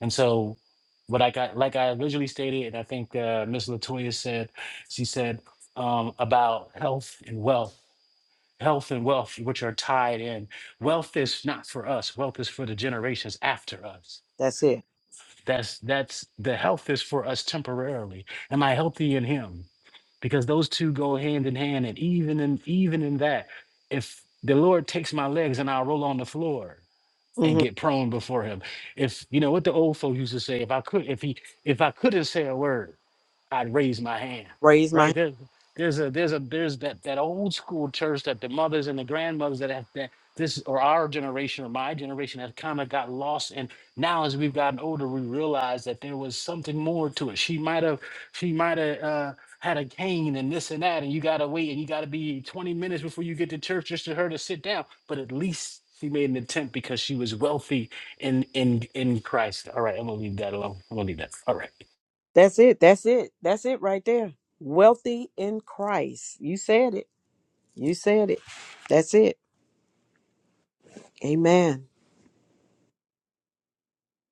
And so, what I got like I originally stated, and I think uh, Miss Latoya said, she said um, about health and wealth. Health and wealth, which are tied in. Wealth is not for us. Wealth is for the generations after us. That's it. That's that's the health is for us temporarily. Am I healthy in him? Because those two go hand in hand. And even in even in that, if the Lord takes my legs and I'll roll on the floor and hmm get prone before him. If you know what the old folk used to say, if I could if he if I couldn't say a word, I'd raise my hand, Raise my. right? hand. There, there's a there's a there's that that old school church that the mothers and the grandmothers that have that this or our generation or my generation have kind of got lost and now as we've gotten older we realize that there was something more to it she might have she might have uh, had a cane and this and that and you gotta wait and you gotta be 20 minutes before you get to church just for her to sit down but at least she made an attempt because she was wealthy in in in christ all right i'm gonna leave that alone i'm gonna leave that all right That's it. That's it. That's it right there. Wealthy in Christ. You said it. You said it. That's it. Amen.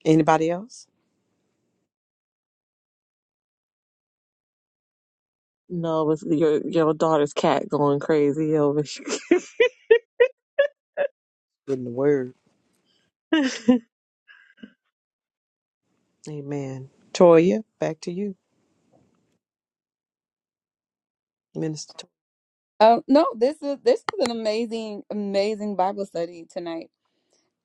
Anybody else? it's your your daughter's cat going crazy over. In the word. you Amen. Toya, back to you, Minister. Toya. Uh, no, this is this is an amazing, amazing Bible study tonight.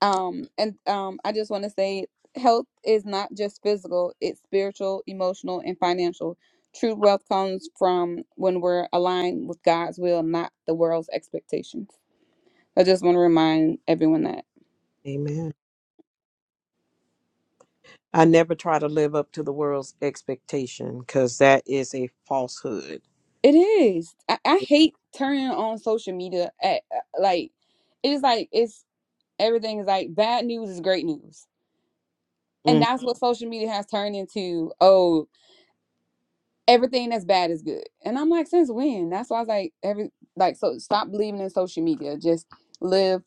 Um, and um, I just want to say health is not just physical, it's spiritual, emotional, and financial. True wealth comes from when we're aligned with God's will, not the world's expectations. I just want to remind everyone that Amen. I never try to live up to the world's expectation because that is a falsehood. it is. I, I hate turning on social media at uh, like it is like it's everything is like bad news is great news. And Mm. that's what social media has turned into. Oh, everything that's bad is good. And I'm like, since when? That's why I was like, every like so stop believing in social media. Just live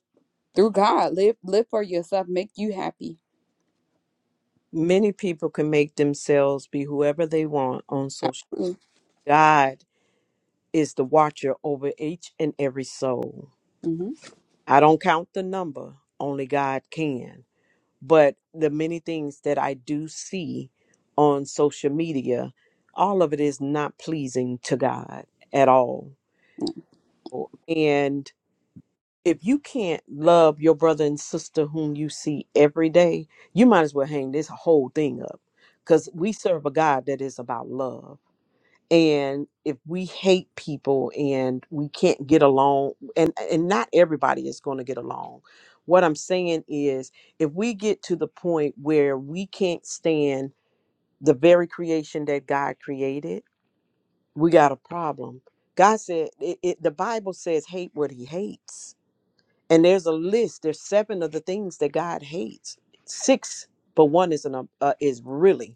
through God. Live live for yourself. Make you happy. Many people can make themselves be whoever they want on social. Absolutely. God is the watcher over each and every soul. hmm I don't count the number, only God can. But the many things that I do see on social media, all of it is not pleasing to God at all. And if you can't love your brother and sister whom you see every day, you might as well hang this whole thing up because we serve a God that is about love. And if we hate people and we can't get along, and, and not everybody is going to get along, what I'm saying is if we get to the point where we can't stand the very creation that God created, we got a problem. God said, it, it, the Bible says, hate what he hates and there's a list. There's seven of the things that God hates. Six, but one is an um, uh, is really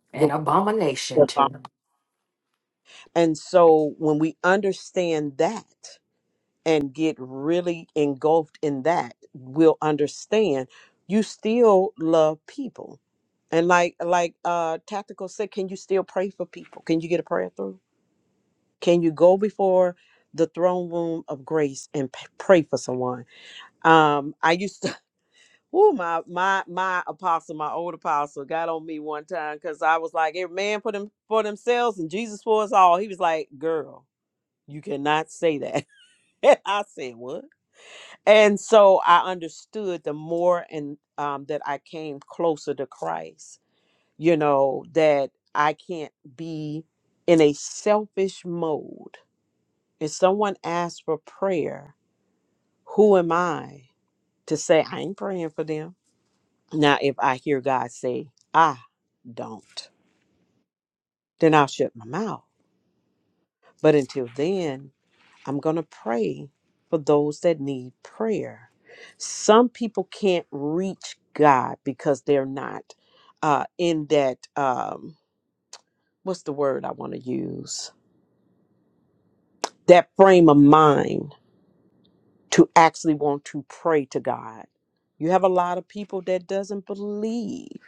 the An abomination to and so when we understand that and get really engulfed in that, we'll understand you still love people. And like like uh tactical said, can you still pray for people? Can you get a prayer through? Can you go before the throne room of grace and p- pray for someone? Um I used to Woo, my my my apostle, my old apostle, got on me one time because I was like, "Every man for them for themselves, and Jesus for us all." He was like, "Girl, you cannot say that." And I said, "What?" And so I understood the more and um, that I came closer to Christ. You know that I can't be in a selfish mode. If someone asks for prayer, who am I to say I ain't praying for them? Now, if I hear God say, "I," don't, then I'll shut my mouth. But until then, I'm going to pray for those that need prayer. Some people can't reach God because they're not uh, in that, um, what's the word I want to use? That frame of mind to actually want to pray to God. You have a lot of people that doesn't believe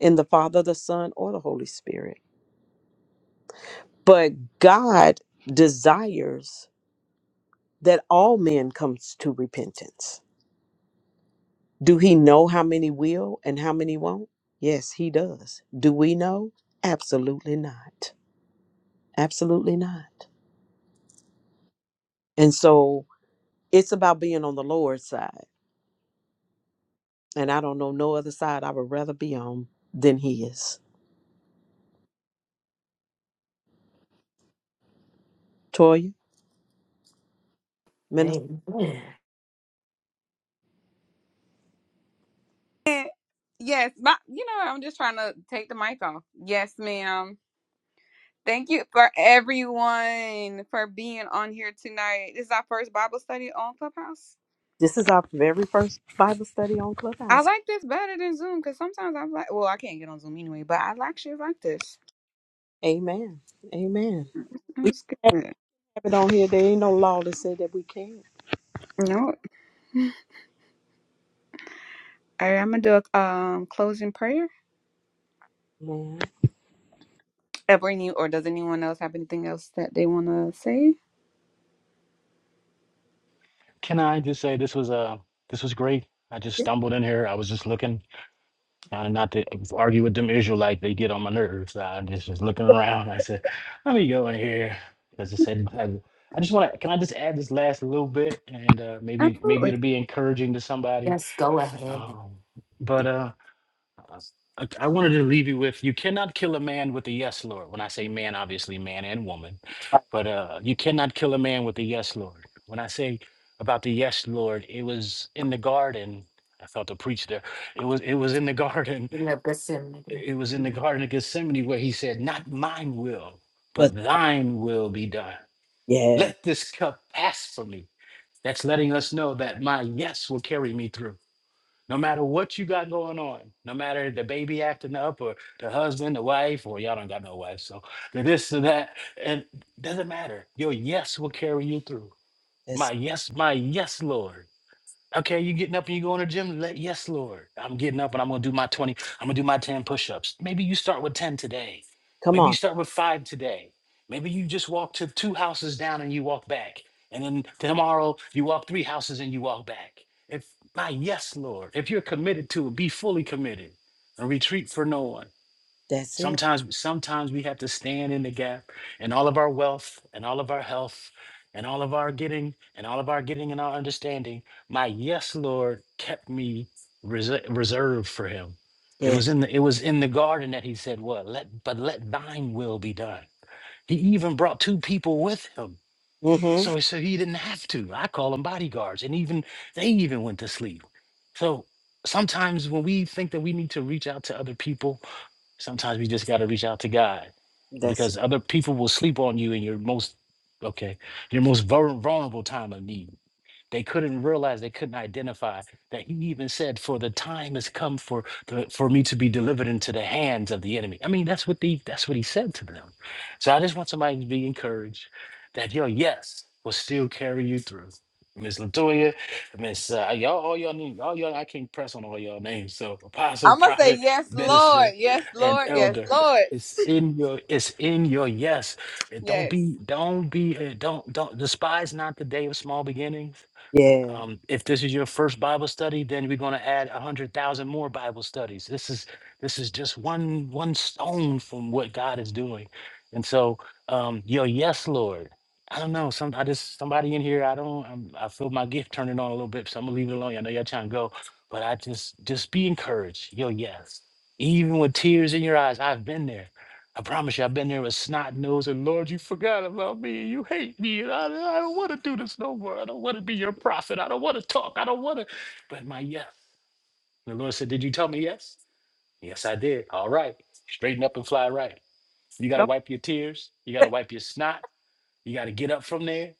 in the Father, the Son, or the Holy Spirit. But God desires that all men comes to repentance. Do he know how many will and how many won't? Yes, he does. Do we know? Absolutely not. Absolutely not. And so it's about being on the Lord's side. And I don't know no other side I would rather be on than His. Toya, minister, me. Amen. And yes, my, you know, I'm just trying to take the mic off. Yes, ma'am. Thank you for everyone for being on here tonight. This is our first Bible study on Clubhouse. this is our very first Bible study on I Clubhouse. like this better than Zoom because sometimes I'm like, well, I can't get on Zoom anyway, but I actually like this. Amen. Amen. It was good. Have it on here. There ain't no law that say that we can't. No, All right, I'm gonna do a um closing prayer. Man. Ever you or does anyone else have anything else that they wanna say? Can I just say this was uh this was great. I just Yeah, stumbled in here. I was just looking, uh, not to argue with them Israelites. They get on my nerves. I just was looking around. I said, let me go in here because it said Bible. I just want to. Can I just add this last little bit, and uh, maybe maybe absolutely. it'll be encouraging to somebody. Yes, go ahead. Um, but uh, I, s- I- I wanted to leave you with you cannot kill a man with a yes, Lord. When I say man, obviously man and woman, but uh, you cannot kill a man with a yes, Lord. When I say about the yes, Lord, it was in the garden. I felt to preach there. It was it was in the garden. You know, Gethsemane. It was in the garden of Gethsemane where he said, "Not mine will, But but thine will be done." yeah, Let this cup pass from me. That's letting us know that my yes will carry me through. No matter what you got going on, no matter the baby acting up or the husband, the wife, or y'all don't got no wife, so the this and that, and doesn't matter. Your yes will carry you through. My that's yes, my yes, Lord. Okay, you getting up and you going to the gym? Let, yes, Lord. I'm getting up and I'm gonna do my 20, I'm gonna do my 10 push-ups. Maybe you start with 10 today. come Maybe you on. start with five today. Maybe you just walk to two houses down and you walk back. And then tomorrow you walk three houses and you walk back. If my yes, Lord, if you're committed to it, be fully committed and retreat for no one. That's it. Sometimes, sometimes we have to stand in the gap, and all of our wealth, and all of our health, and all of our getting, and all of our getting and our understanding. My yes, Lord, kept me rese- reserved for Him. It Yeah. was in the it was in the garden that He said, "What? Let but let Thine will be done." He even brought two people with Him, Mm-hmm. so so He didn't have to. I call them bodyguards, and even they even went to sleep. So sometimes when we think that we need to reach out to other people Sometimes we just got to reach out to God That's it. because other people will sleep on you in your most okay, your most vul- vulnerable time of need. They couldn't realize, they couldn't identify that he even said, For the time has come for the, for me to be delivered into the hands of the enemy. I mean, that's what the that's what he said to them. So I just want somebody to be encouraged that your yes will still carry you through. Miss Latoya, Miss uh, y'all, all y'all need all y'all. I can't press on all y'all names. So apostle, I'm gonna say prophet, yes, Lord, minister, yes, and Lord, yes, elder. Lord, It's in your. It's in your. Yes. And Don't yes. be. Don't be. uh, Don't. Don't despise not the day of small beginnings Yeah. um, if this is your first Bible study, then we're going to add a hundred thousand more Bible studies. This is this is just one one stone from what God is doing, and so um, yo, yes, Lord. I don't know. Some I just somebody in here. I don't. I'm, I feel my gift turning on a little bit, so I'm gonna leave it alone. I know y'all trying to go, but I just just be encouraged. Yo, yes. Even with tears in your eyes, I've been there. I promise you, I've been there with snot nose, and Lord, you forgot about me. You hate me. And I, I don't want to do this no more. I don't want to be your prophet. I don't want to talk. I don't want to. But my yes. The Lord said, Did you tell me yes? Yes, I did. All right. Straighten up and fly right. You got to Come wipe your tears. You got to wipe your snot. You got to get up from there.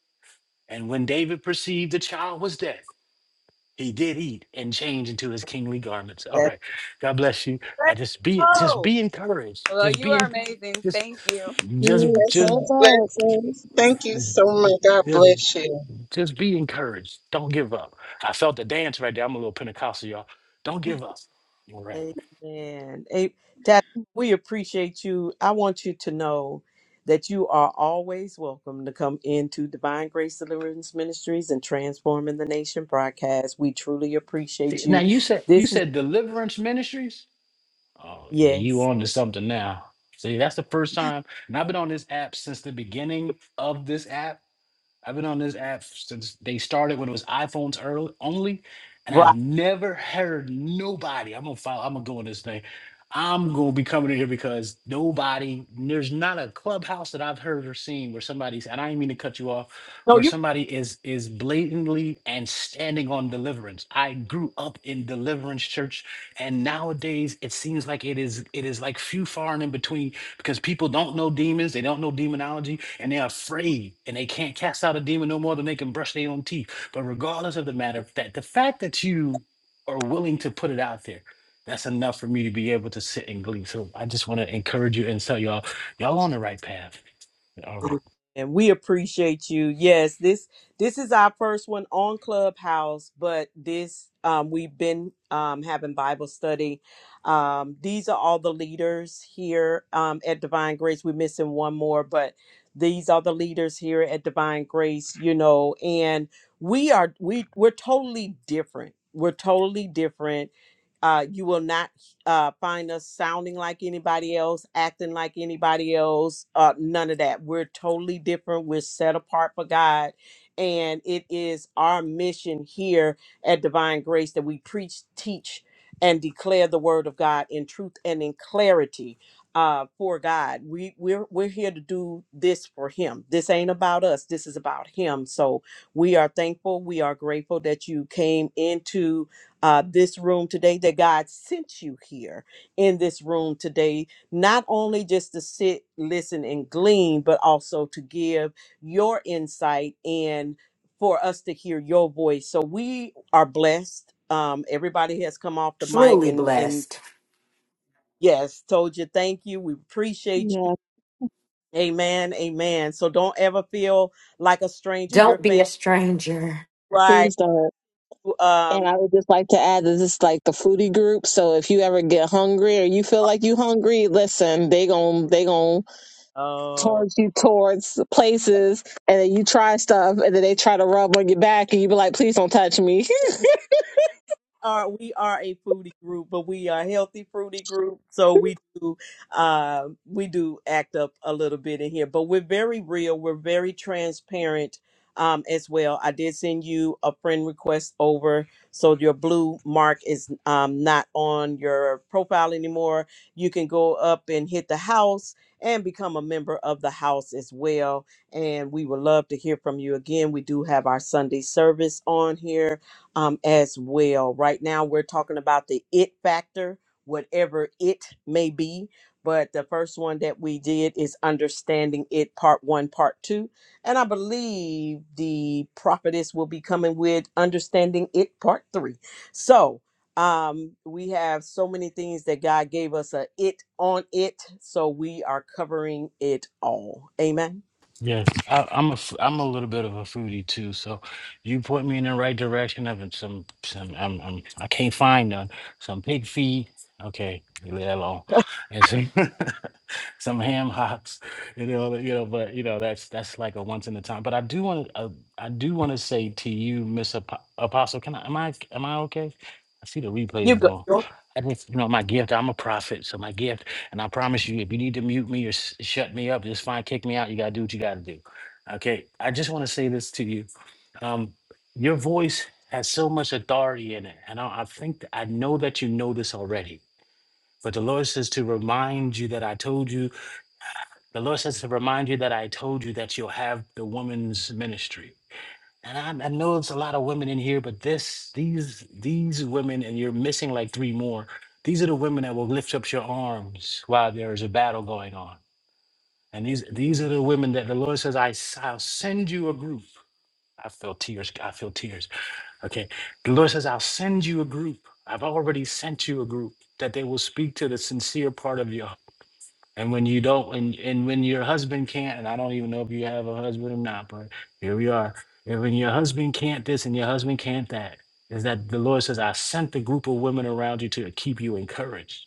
And when David perceived the child was dead, he did eat and change into his on. kingly garments. All That's right. God bless you. I right. just be just Oh. be encouraged. Well, Just you be are in, amazing. just Thank you. just You're just so Blessings, bad. blessings. Thank you so much. God Just, bless you. just be encouraged. Don't give up. I felt the dance right there. I'm a little Pentecostal, y'all. Don't give up. All right. Amen. A- Dad, we appreciate you. I want you to know that you are always welcome to come into Divine Grace Deliverance Ministries and Transforming the Nation broadcast. We truly See, appreciate now you. you said you This is said deliverance ministries. Oh yeah, you yes. on to something now. See, that's the first time, and I've been on this app since the beginning of this app. I've been on this app since they started when it was iPhones early, only, and I've Right. never heard nobody. I'm gonna follow. I'm gonna go on this thing. I'm gonna be coming in here because nobody. There's not a clubhouse that I've heard or seen where somebody's. And I didn't mean to cut you off No, where you're somebody is is blatantly and standing on deliverance. I grew up in deliverance church and nowadays it seems like it is it is like few far and in between because people don't know demons, they don't know demonology and they're afraid and they can't cast out a demon no more than they can brush their own teeth. But regardless of the matter, that the fact that you are willing to put it out there that's enough for me to be able to sit and glee. So I just want to encourage you and tell y'all, y'all on the right path. All right. And we appreciate you. Yes, this this is our first one on Clubhouse, but this um, we've been um, having Bible study. Um, these are all the leaders here um, at Divine Grace. We're missing one more, but these are the leaders here at Divine Grace. You know, and we are we we're totally different we're totally different uh, you will not uh, find us sounding like anybody else acting like anybody else uh, none of that we're totally different we're set apart for god and it is our mission here at divine grace that we preach teach and declare the word of god in truth and in clarity uh, for god we we're, we're here to do this for him this ain't about us this is about him so we are thankful. We are grateful that you came into uh, this room today, that God sent you here in this room today, not only just to sit, listen, and glean, but also to give your insight and for us to hear your voice. So we are blessed. Um, everybody has come off the mic Truly and, and blessed. yes, told you thank you. We appreciate you. Yeah, Amen. Amen. So don't ever feel like a stranger. Your Don't be family, a stranger. right? please don't. Um, And I would just like to add that this is like the foodie group. So if you ever get hungry or you feel like you hungry, listen, they gon' they gon' Oh, towards you towards places, and then you try stuff, and then they try to rub on your back, and you be like, please don't touch me. are we are a foodie group, but we are a healthy fruity group. So we do uh, we do act up a little bit in here, but we're very real. We're very transparent um, as well. I did send you a friend request over, so your blue mark is um, not on your profile anymore. You can go up and hit the house and become a member of the house as well. And we would love to hear from you again. We do have our Sunday service on here um, as well. Right now, we're talking about the it factor, whatever it may be. But the first one that we did is understanding it, part one, part two. And I believe the prophetess will be coming with understanding it, part three. So um, we have so many things that God gave us a it on it. So we are covering it all. Amen. Yes, I, I'm a f- I'm a little bit of a foodie too. So you point me in the right direction of it. Some some I'm, I'm I can't find none. Some pig feet. Okay, you leave that alone. And some some ham hocks. You know, you know, but you know that's that's like a once in a time. But I do want to uh, I do want to say to you, Miss Apo- Apostle. Can I am I am I okay? I see the You replays go. though. I just you know my gift. I'm a prophet, so my gift. And I promise you, if you need to mute me or s- shut me up, just fine, kick me out. You got to do what you got to do. Okay. I just want to say this to you. Um, your voice has so much authority in it. And I, I think, th- I know that you know this already. But the Lord says to remind you that I told you, the Lord says to remind you that I told you that you'll have the woman's ministry. And I, I know it's a lot of women in here, but this, these, these women, and you're missing like three more. These are the women that will lift up your arms while there is a battle going on. And these Thank you, these are Lord. the women that the Lord says, I, s- I'll send you a group. I feel tears. I feel tears. Okay. The Lord says, I'll send you a group. I've already sent you a group that they will speak to the sincere part of you. And when you don't, and, and when your husband can't, and I don't even know if you have a husband or not, but here we are. And when your husband can't this and your husband can't that, is that the Lord says, I sent the group of women around you to keep you encouraged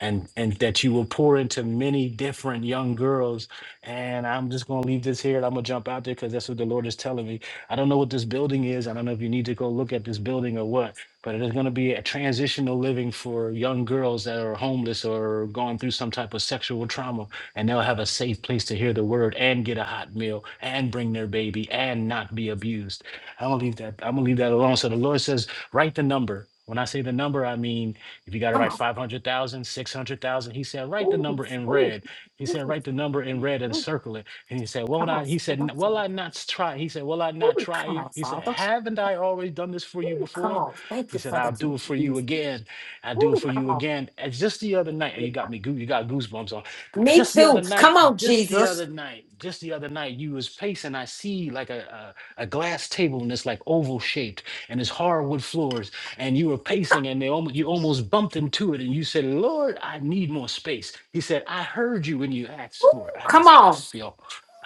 and and that you will pour into many different young girls. And I'm just gonna leave this here and I'm gonna jump out there because that's what the Lord is telling me. I don't know what this building is. I don't know if you need to go look at this building or what, but it is gonna be a transitional living for young girls that are homeless or going through some type of sexual trauma, and they'll have a safe place to hear the word and get a hot meal and bring their baby and not be abused. I'm gonna leave that, I'm gonna leave that alone. So the Lord says, write the number. When I say the number, I mean if you got to Come write on. 500,000, 600,000, he said, write the Ooh, number in red. He said, ooh, write the number in red and ooh. circle it. And he said, well, Come on, I, he said, Father. "N- well, I not try. He said, well, I not Ooh, try come you. on, He said, Father. haven't I always done this for you Ooh, come before? on. Thank He you said, for the I'll do it for you again. I'll do it Ooh, for you come on. again. And just the other night, you got me, goo- you got goosebumps on. Me Just the other too. Come night, on, just the other Jesus. night, just the other night, you was pacing. I see like a, a, a glass table and it's like oval shaped and it's hardwood floors and you were pacing and they almost, you almost bumped into it and you said, Lord, I need more space. He said, I heard you when you asked Ooh, for it. I come just, I on. feel,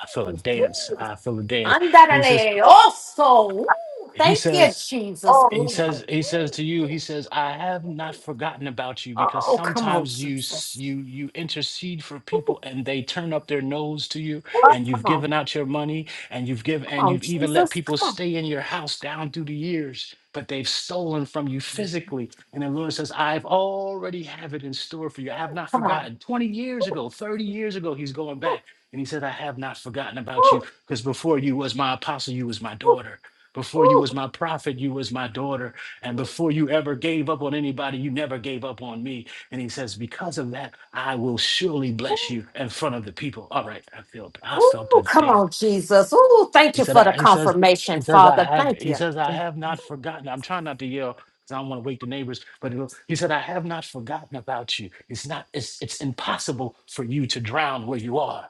I feel a Ooh, dance. I feel a dance. And he says, andarele. Also. Ooh, he thank you, says, Jesus. he Glory. says, Ooh, he says to you, he says, I have not forgotten about you because Oh, come on, sometimes you s- Jesus. you you intercede for people and they turn up their nose to you Ooh, and come you've on. given out your money and you've given Come and on, you've even let Jesus. people Come on. stay in your house down through the years, but they've stolen from you physically. And the Lord says, I've already have it in store for you. I have not Come on. forgotten. 20 years ago, 30 years ago, he's going back. And he said, I have not forgotten about Ooh, you because before you was my apostle, you was my ooh, daughter. Before you ooh, was my prophet, you was my daughter. And before you ever gave up on anybody, you never gave up on me. And he says, because of that, I will surely bless ooh. you in front of the people. All right, I felt I felt Ooh, the come damn. on, Jesus. Ooh, thank He you said, for the I, he says, confirmation, he says, I Father. have, Thank he you. says, I have not forgotten. I'm trying not to yell because I don't want to wake the neighbors, but it was- he said, I have not forgotten about you. It's not, it's it's impossible for you to drown where you are.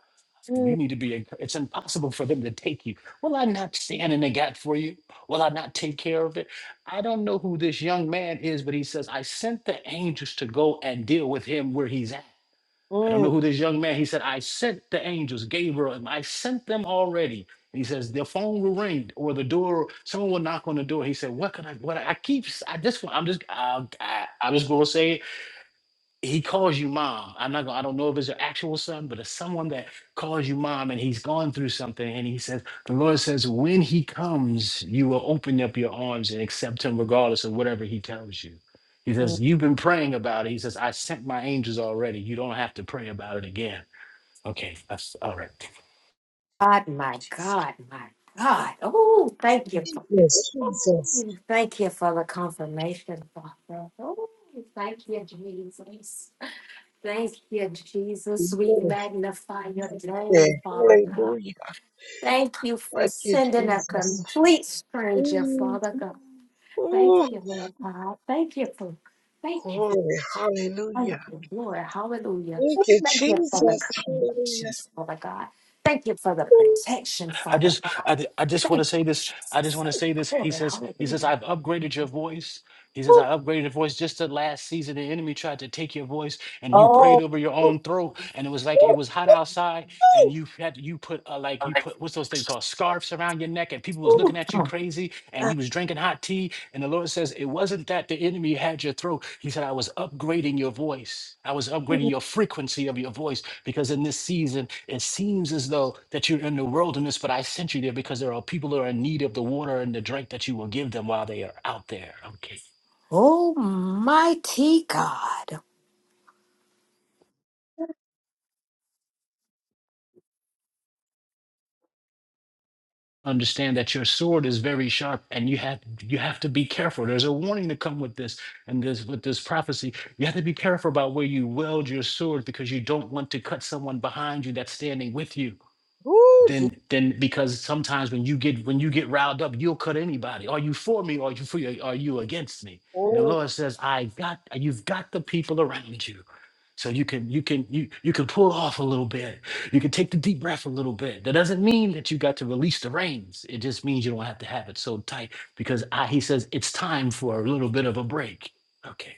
You need to be, enc- it's impossible for them to take you. Will I not stand in the gap for you? Will I not take care of it? I don't know who this young man is, but he says, I sent the angels to go and deal with him where he's at. I don't know Mm, mm, who this young man, he said, I sent the angels, Gabriel, and I sent them already. And he says, the phone will ring or the door, someone will knock on the door. He said, what can I, what I, I keep, s- I just, I'm just, I, I, I'm just going to say it he calls you mom. I'm not gonna, I don't know if it's your actual son, but it's someone that calls you mom and he's gone through something. And he says, The Lord says, when he comes, you will open up your arms and accept him regardless of whatever he tells you. He says, You've been praying about it. He says, I sent my angels already. You don't have to pray about it again. Okay, that's all right. God, my God, my God. Oh, thank you for Yes, Jesus. ooh, thank you for the confirmation, Father. Oh, thank you, Jesus. Thank you, Yes, Jesus. We magnify your yes. name, Father God. Hallelujah. Thank you for Thank you, sending a Jesus. complete stranger, Mm, Father God. Thank Oh, you, Lord God. Thank you for, thank you. glory. Thank Hallelujah. you, Lord. Hallelujah. Thank you, Thank you for the Jesus. Hallelujah. connections, Father God. Thank you for the protection, I Father just, God. I, I just Thank want you, to say this. I just Jesus. want to say this. He Glory, says, he says, hallelujah. I've upgraded your voice. He says, I Ooh, upgraded your voice. Just the last season, the enemy tried to take your voice, and you prayed ooh, Oh, over your own ooh, throat, and it was like it was hot outside, and you had you put uh, like you put what's those things called scarves around your neck, and people was ooh. looking at you Ooh. crazy, and you was drinking hot tea, and the Lord says, it wasn't that the enemy had your throat. He said, I was upgrading your voice. I was upgrading your frequency of your voice because in this season it seems as though that you're in the wilderness but i sent you there because there are people that are in need of the water and the drink that you will give them while they are out there okay Almighty God. understand that your sword is very sharp and you have you have to be careful there's a warning to come with this and this with this prophecy you have to be careful about where you wield your sword because you don't want to cut someone behind you that's standing with you woo, Je- then then because sometimes when you get when you get riled up you'll cut anybody are you for me or are you for you? are you against me and the oh, lord says i got you've got the people around you so you can you can you you can pull off a little bit you can take the deep breath a little bit that doesn't mean that you got to release the reins it just means you don't have to have it so tight because I, he says it's time for a little bit of a break okay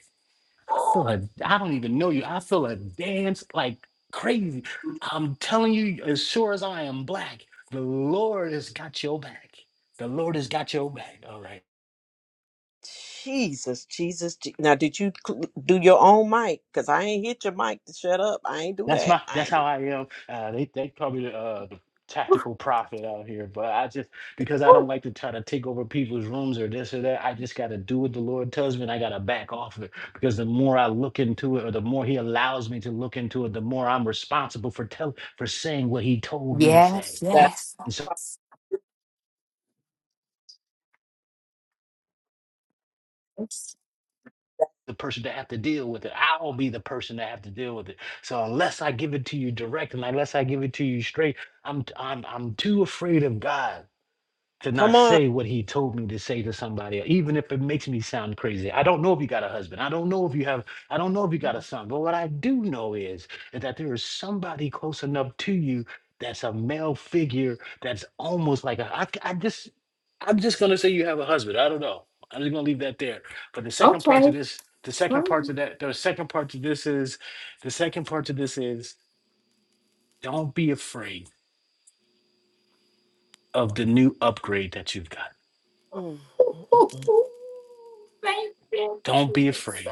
feel a, I don't even know you. I feel a dance like crazy. I'm telling you, as sure as I am black, the Lord has got your back. The Lord has got your back. All right. Jesus, Jesus. Je- Now, did you cl- do your own mic? Because I ain't hit your mic to shut up. I ain't do That's that. my I that's ain't do how I am. Uh they they call me the uh the tactical prophet out here, but I just because I don't Ooh. like to try to take over people's rooms or this or that, I just gotta do what the Lord tells me and I gotta back off of it. Because the more I look into it or the more he allows me to look into it, the more I'm responsible for tell for saying what he told me to say. Yes, that. yes. yes. the person to have to deal with it. I'll be the person to have to deal with it. So unless I give it to you direct and unless I give it to you straight, I'm i I'm I'm too afraid of God to Come not on. say what he told me to say to somebody, even if it makes me sound crazy. I don't know if you got a husband. I don't know if you have, I don't know if you got a son. But what I do know is, is that there is somebody close enough to you that's a male figure that's almost like a, I, I just, I'm just going to say you have a husband. I don't know. I'm just going to leave that there. But the second part to Okay. this, the second part to Ooh, that, the second part to this is, the second part to this is don't be afraid of the new upgrade that you've got. Mm, mm, mm, ooh, mm. ooh. Thank you, Don't be afraid Jesus.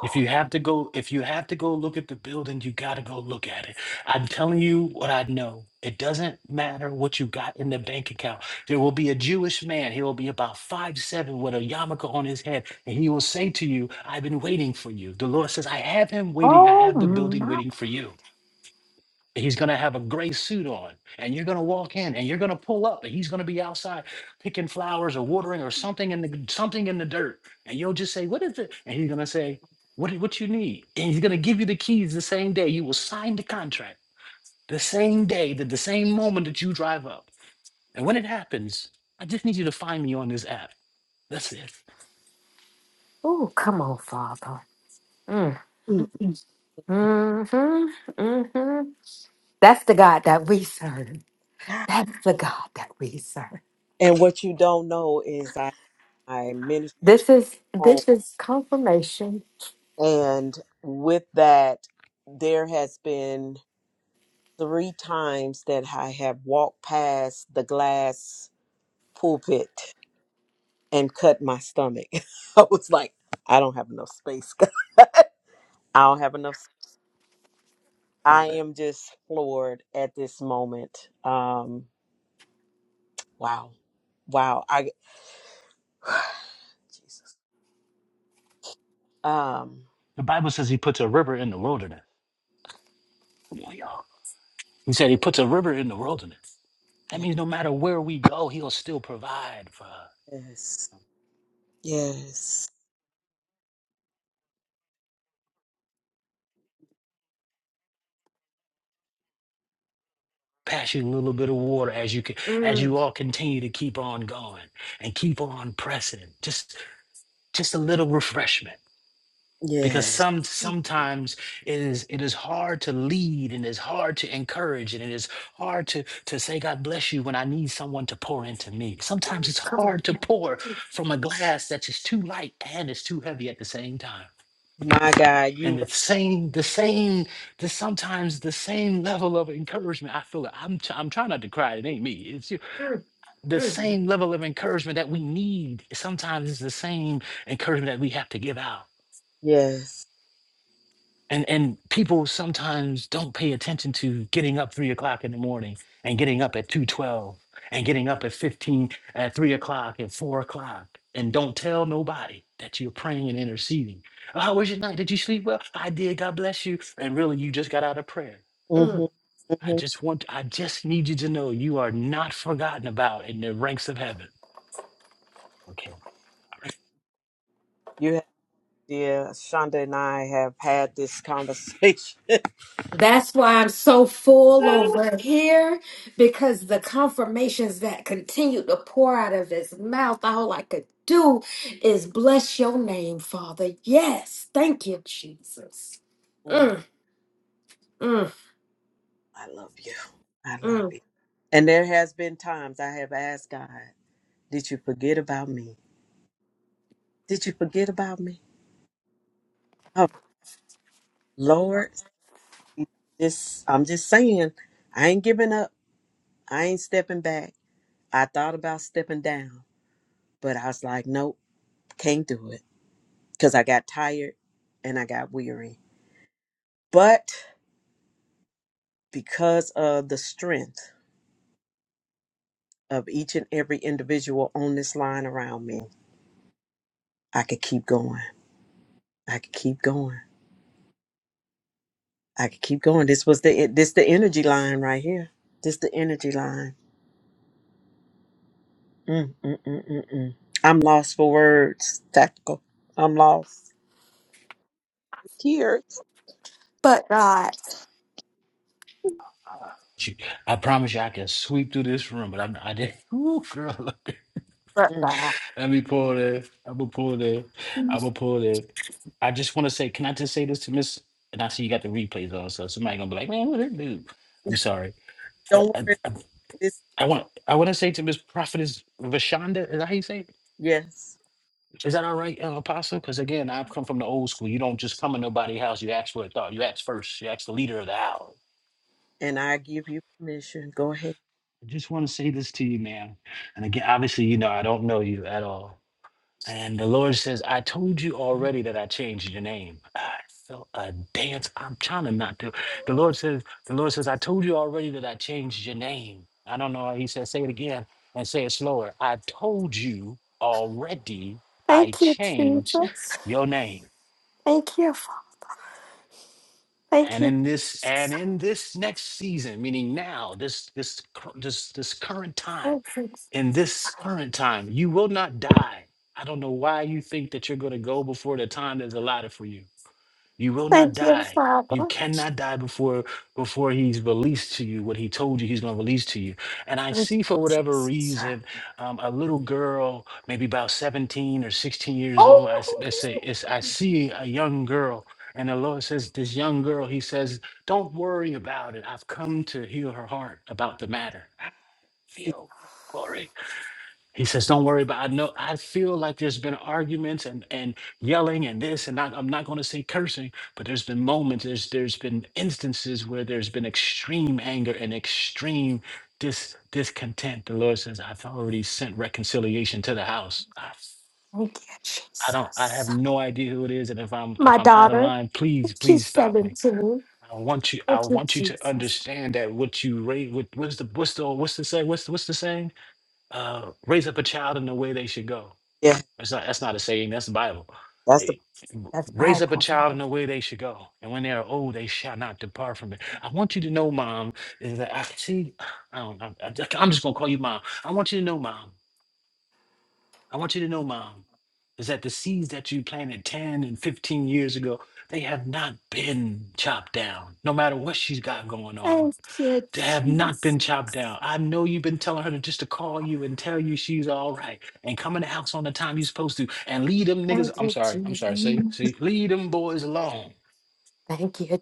If you have to go, if you have to go look at the building, you got to go look at it. I'm telling you what I know. It doesn't matter what you got in the bank account. There will be a Jewish man. He will be about five seven with a yarmulke on his head, and he will say to you, "I've been waiting for you." The Lord says, "I have him waiting. I have the building Almighty waiting for you." He's going to have a gray suit on, and you're going to walk in, and you're going to pull up, and he's going to be outside picking flowers or watering or something in the something in the dirt, and you'll just say, "What is it?" And he's going to say, "What what you need?" And he's going to give you the keys the same day. You will sign the contract the same day, the, the same moment that you drive up. And when it happens, I just need you to find me on this app. That's it. Oh, come on, Father. Mm, Mm. mm-hmm, mm-hmm. That's the God that we serve. That's the God that we serve. And what you don't know is I, I minister This is home, this is confirmation. and with that, there has been three times that I have walked past the glass pulpit and cut my stomach. I was like, I don't have enough space. I don't have enough. s- I am just floored at this moment. Um, wow, wow. I Jesus. Um, The Bible says He puts a river in the wilderness. Come on, y'all. He said He puts a river in the wilderness. That means no matter where we go, He'll still provide for us. yes, yes, pass you a little bit of water as you can as Mm, you all continue to keep on going and keep on pressing just just a little refreshment because yes. some sometimes it is it is hard to lead and it's hard to encourage and it is hard to to say god bless you when i need someone to pour into me sometimes it's come on. hard to yeah. pour from a glass that's just too light and it's too heavy at the same time My God, and you. the same the same the sometimes the same level of encouragement i feel it i'm, i I'm trying not to cry it ain't me It's Mm, the mm, same level of encouragement that we need sometimes is the same encouragement that we have to give out Yes. and and people sometimes don't pay attention to getting up three o'clock in the morning and getting up at 2.12 and getting up at 15 at 3 o'clock and 4 o'clock and don't tell nobody that you're praying and interceding "Oh, how was your night did you sleep well i did god bless you and really you just got out of prayer mm. Mm-hmm. i Mm-hmm. just want i just need you to know you are not forgotten about in the ranks of heaven okay You have, dear Shonda and I have had this conversation That's why I'm so full over here because the confirmations that continue to pour out of his mouth, all I could do is bless your name, Father. Yes, thank you, Jesus. Mm, Mm, mm, I love you. I love you. mm. And there has been times I have asked God, "Did you forget about me? Did you forget about me?" Oh Lord, this I'm just saying, I ain't giving up. I ain't stepping back. I thought about stepping down, but I was like, "Nope." Can't do it because I got tired and I got weary. But because of the strength of each and every individual on this line around me, I could keep going. I could keep going. I could keep going. This was the this the energy line right here. This the energy line. Mm, mm, mm, mm, mm. I'm lost for words. Tactical. I'm lost. Here, She- I promise you, I can sweep through this room, but I'm, I didn't. Ooh, girl, look. But Mm. God. Let me pull this. I'm gonna pull this. I'm gonna pull this. I just want to say, can I just say this to Miss? And I see you got the replays on, so somebody gonna be like, man, what did do? I'm sorry. I, Don't I, I worry. I want I want to say to Miss Prophetess Vashonda, is that how you say? It? Yes. Is that all right, uh, Apostle? Because again, I've come from the old school. You don't just come in nobody's house. You ask for a thought. You ask first. You ask the leader of the house. And I give you permission. Go ahead. I just want to say this to you, man. And again, obviously, you know, I don't know you at all. And the Lord says, I told you already that I changed your name. I felt a dance. I'm trying to not do. The Lord says, the Lord says, I told you already that I changed your name. I don't know. He says, say it again and say it slower. I told you already I Thank you, changed Jesus. your name. Thank you, Fa- thank And you, in this, and in this next season, meaning now, this, this, cur- this, this current time Jesus. in this current time. You will not die. I don't know why you think that you're going to go before the time that's allotted for you. You will not Thank you, die. You Father. cannot die before before he's released to you what he told you he's going to release to you. And I Thank see you, for whatever Jesus. reason, um, a little girl, maybe about 17 or 16 years old. I, s- Oh, let's say it's, I see a young girl, and the Lord says, "This young girl," He says, "Don't worry about it. I've come to heal her heart about the matter." I feel glory. He says, "Don't worry about. I know. I feel like there's been arguments and and yelling and this and not, I'm not going to say cursing, but there's been moments. There's there's been instances where there's been extreme anger and extreme dis discontent. The Lord says, I've already sent reconciliation to the house. I, thank you, I don't. I Jesus. have no idea who it is, and if I'm My if I'm out of daughter, line, please please she's stop me. 17. I want you. I Thank you, want you to Jesus. understand that what you raise. What, what's the what's the what's the say? What's the, what's the saying? Uh, raise up a child in the way they should go Yeah, that's not that's not a saying, that's the Bible. that's the It- That's raise up a Bible. child in the way they should go, and when they are old, they shall not depart from it. I want you to know, Mom, is that I see. I don't. I, I, I'm just gonna call you Mom. I want you to know, Mom. I want you to know, Mom, is that the seeds that you planted 10 and 15 years ago, they have not been chopped down. No matter what she's got going on, Thank you, to have not been Jesus. chopped down. I know you've been telling her to just to call you and tell you she's all right and come in the house on the time you're supposed to and leave them niggas. Thank I'm you, sorry. I'm Jesus. sorry. See, see, leave them boys alone Thank you,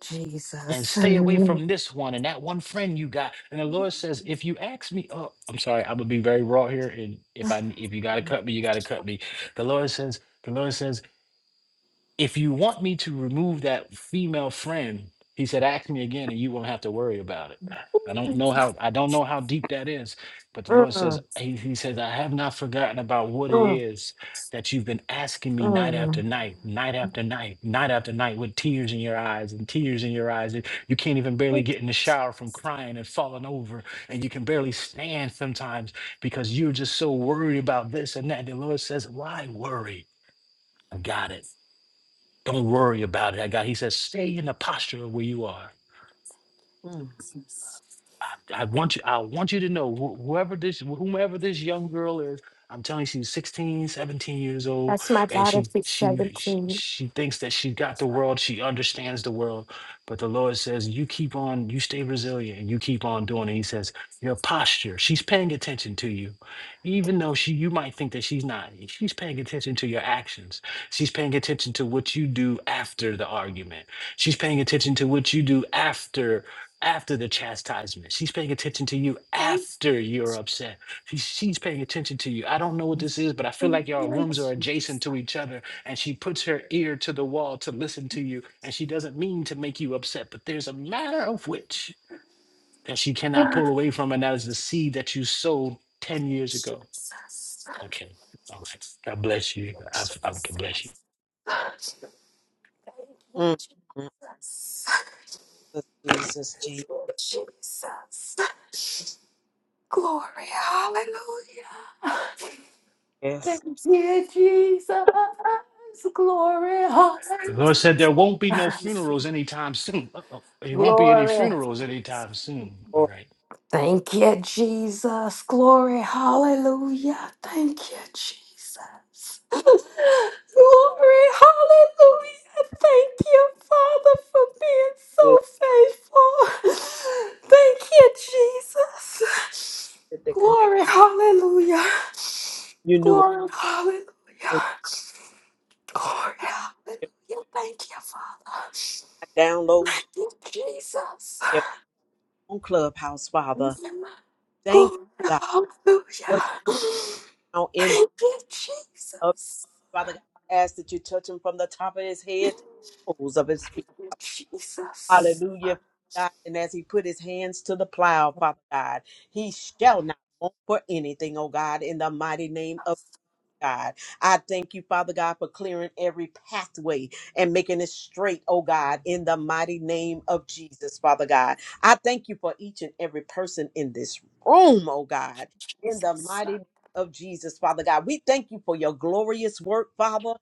and Jesus. stay away Mm, from this one and that one friend you got. And the Lord says, if you ask me, oh, I'm sorry. I'm gonna be very raw here, and if I if you gotta cut me, you gotta cut me. The Lord says. The Lord says if you want me to remove that female friend, he said, ask me again and you won't have to worry about it. I don't know how I don't know how deep that is, but the Lord says, mm, He, he says, I have not forgotten about what it is that you've been asking me night after mm. night, night after night, night after night, with tears in your eyes and tears in your eyes. And you can't even mm. barely get in the shower from crying and falling over, and you can barely stand sometimes because you're just so worried about this and that. The Lord says, Why worry? I got it. Don't worry about it. I got. He says, stay in the posture of where you are. Mm, I, I want you. I want you to know wh- whoever this, whomever this young girl is. I'm telling you, she's 16, 17 years old, That's my and daughter. she She's she she, 17. she thinks that she got the world. She understands the world, but the Lord says, "You keep on. You stay resilient, and you keep on doing it." He says, "Your posture. She's paying attention to you, even though she you might think that she's not. She's paying attention to your actions. She's paying attention to what you do after the argument. She's paying attention to what you do after." after the chastisement. She's paying attention to you Thank after you're upset. She, she's paying attention to you. I don't know what this is, but I feel you, like y'all Lord rooms are adjacent Jesus. to each other. And she puts her ear to the wall to listen to you. And she doesn't mean to make you upset, but there's a matter of which that she cannot pull away from. And that is the seed that you sowed 10 years ago. Okay. All right. God bless you. I, I can bless you. mm, mm. Jesus, Jesus. Jesus. Jesus. Jesus. Glory. Hallelujah. Yes, Thank you, Jesus. Glory. The Lord said there won't be no Hallelujah. funerals anytime soon. Uh-oh. There won't be any Glory. funerals anytime soon. All Lord, right. Thank you, Jesus. Glory. Hallelujah. Thank you, Jesus. Glory. Hallelujah. Thank you, Father, for being good so faithful. Thank you, Jesus. that they come. Glory. Hallelujah. You knew it Glory. Hallelujah. when Glory. your Hallelujah. Thank you, Father. downloads Thank you, Jesus. in their own clubhouse, Father. Thank Glory, you, God. hallelujah. Work now in the Thank you, other. Jesus. Father God, I ask that you touch him from the top of his Thank head to the soles of his feet. you, Jesus. Hallelujah, Father God. And as he put his hands to the plow, Father God, he shall not want for anything, oh God, in the mighty name of God. I thank you, Father God, for clearing every pathway and making it straight, oh God, in the mighty name of Jesus, Father God. I thank you for each and every person in this room, oh God, in the Jesus. mighty name of Jesus, Father God. We thank you for your glorious work, Father.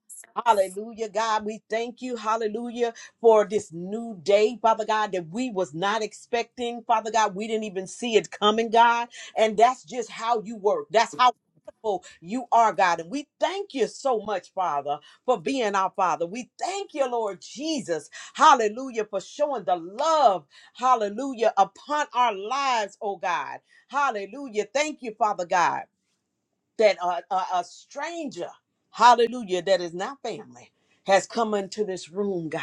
Hallelujah, God. We thank you, hallelujah, for this new day, Father God, that we was not expecting, Father God. We didn't even see it coming, God. And that's just how you work. That's how wonderful you are, God. And we thank you so much, Father, for being our Father. We thank you, Lord Jesus. Hallelujah, for showing the love, hallelujah, upon our lives, oh God. Hallelujah. Thank you, Father God that a, a, a stranger, hallelujah, that is not family, has come into this room, God,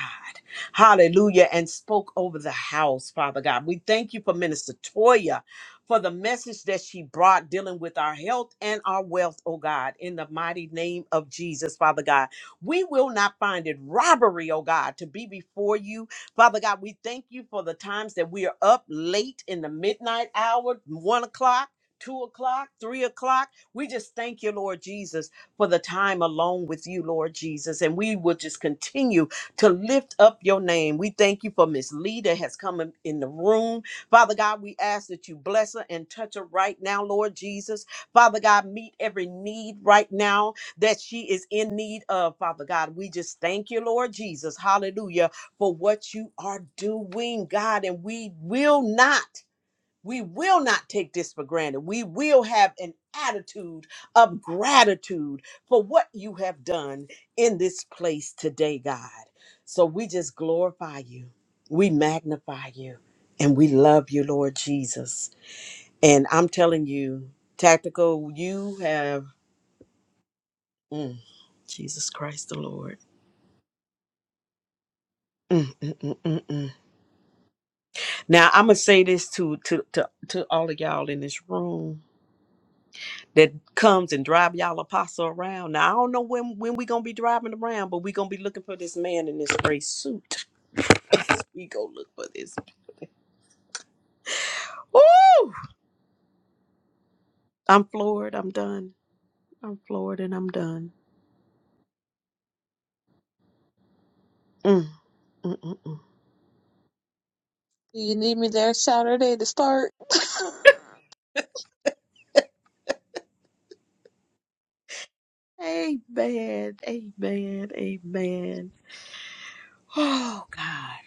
hallelujah, and spoke over the house, Father God. We thank you for Minister Toya for the message that she brought dealing with our health and our wealth, oh God, in the mighty name of Jesus, Father God. We will not find it robbery, oh God, to be before you. Father God, we thank you for the times that we are up late in the midnight hour, one o'clock, two o'clock, three o'clock. We just thank you, Lord Jesus, for the time alone with you, Lord Jesus. And we will just continue to lift up your name. We thank you for Miss Lee that has come in, in the room. Father God, we ask that you bless her and touch her right now, Lord Jesus. Father God, meet every need right now that she is in need of, Father God. We just thank you, Lord Jesus. Hallelujah, for what you are doing, God. And we will not. We will not take this for granted. We will have an attitude of gratitude for what you have done in this place today, God. So we just glorify you, we magnify you, and we love you, Lord Jesus. And I'm telling you, Tactical, you have mm, Jesus Christ the Lord. Mm, mm, mm, mm, mm. Now I'm gonna say this to to to to all of y'all in this room that comes and drive y'all apostle around. Now I don't know when when we gonna be driving around, but we gonna be looking for this man in this gray suit. we go look for this. Woo! I'm floored. I'm done. I'm floored and I'm done. Mm, mm, mm, mm. do you need me there Saturday to start? Amen. Amen. Amen. Oh God.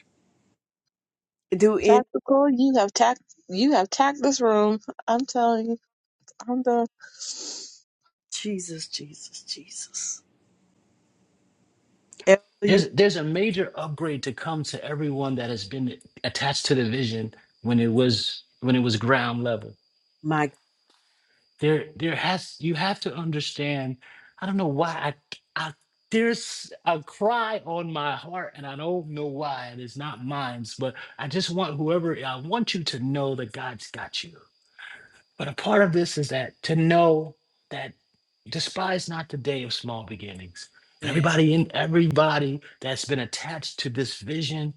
Do in Tactical, you have tack, you have tacked this room. I'm telling you, I'm done. Jesus, Jesus, Jesus. Elder, you- There's there's a major upgrade to come to everyone that has been attached to the vision when it was when it was ground level. my There there has you have to understand. I don't know why I I there's a cry on my heart and I don't know why and it's not mine, but I just want whoever I want you to know that God's got you. But a part of this is that to know that despise not the day of small beginnings. And everybody in everybody that's been attached to this vision,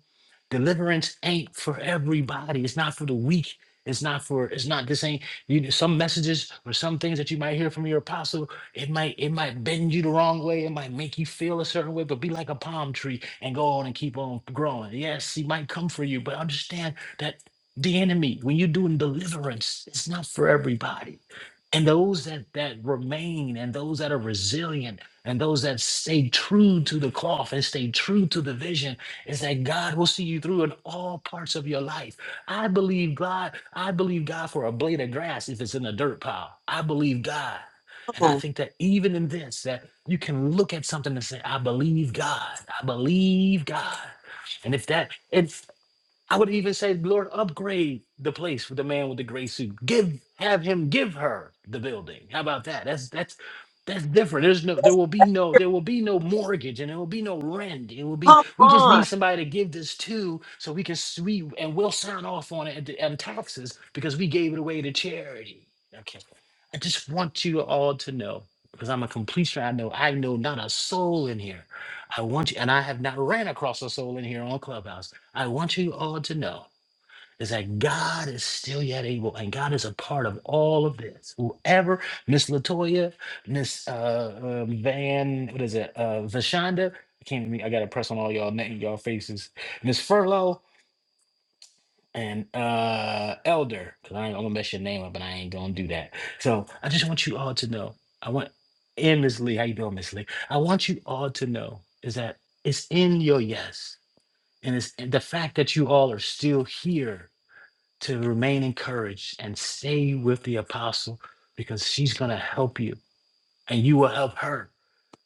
deliverance ain't for everybody. It's not for the weak. It's not for it's not this ain't you some messages or some things that you might hear from your apostle, it might it might bend you the wrong way, it might make you feel a certain way, but be like a palm tree and go on and keep on growing. Yes, he might come for you, but understand that the enemy when you're doing deliverance it's not for everybody and those that that remain and those that are resilient and those that stay true to the cloth and stay true to the vision is that god will see you through in all parts of your life i believe god i believe god for a blade of grass if it's in a dirt pile i believe god and i think that even in this that you can look at something and say i believe god i believe god and if that, if I would even say, Lord, upgrade the place for the man with the gray suit. Give, have him give her the building. How about that? That's that's that's different. There's no, there will be no, there will be no mortgage, and there will be no rent. It will be. God. Come We just need on. somebody to give this to, so we can sweep and we'll sign off on it at the- on taxes because we gave it away to charity. Okay, I just want you all to know because I'm a completion. I know I know not a soul in here. I want you, and I have not ran across a soul in here on Clubhouse. I want you all to know is that God is still yet able, and God is a part of all of this. Whoever, Miss Latoya, Miss uh, uh, Van, what is it, uh, Vashonda? I can't. even- I gotta press on all y'all name, y'all faces. Miss Furlough and uh Elder, because I ain't gonna mess your name up, and I ain't gonna do that. So I just want you all to know. I want and Miss Lee, how you doing, Miss Lee? I want you all to know is that it's in your yes. And it's and the fact that you all are still here to remain encouraged and stay with the apostle because she's going to help you and you will help her.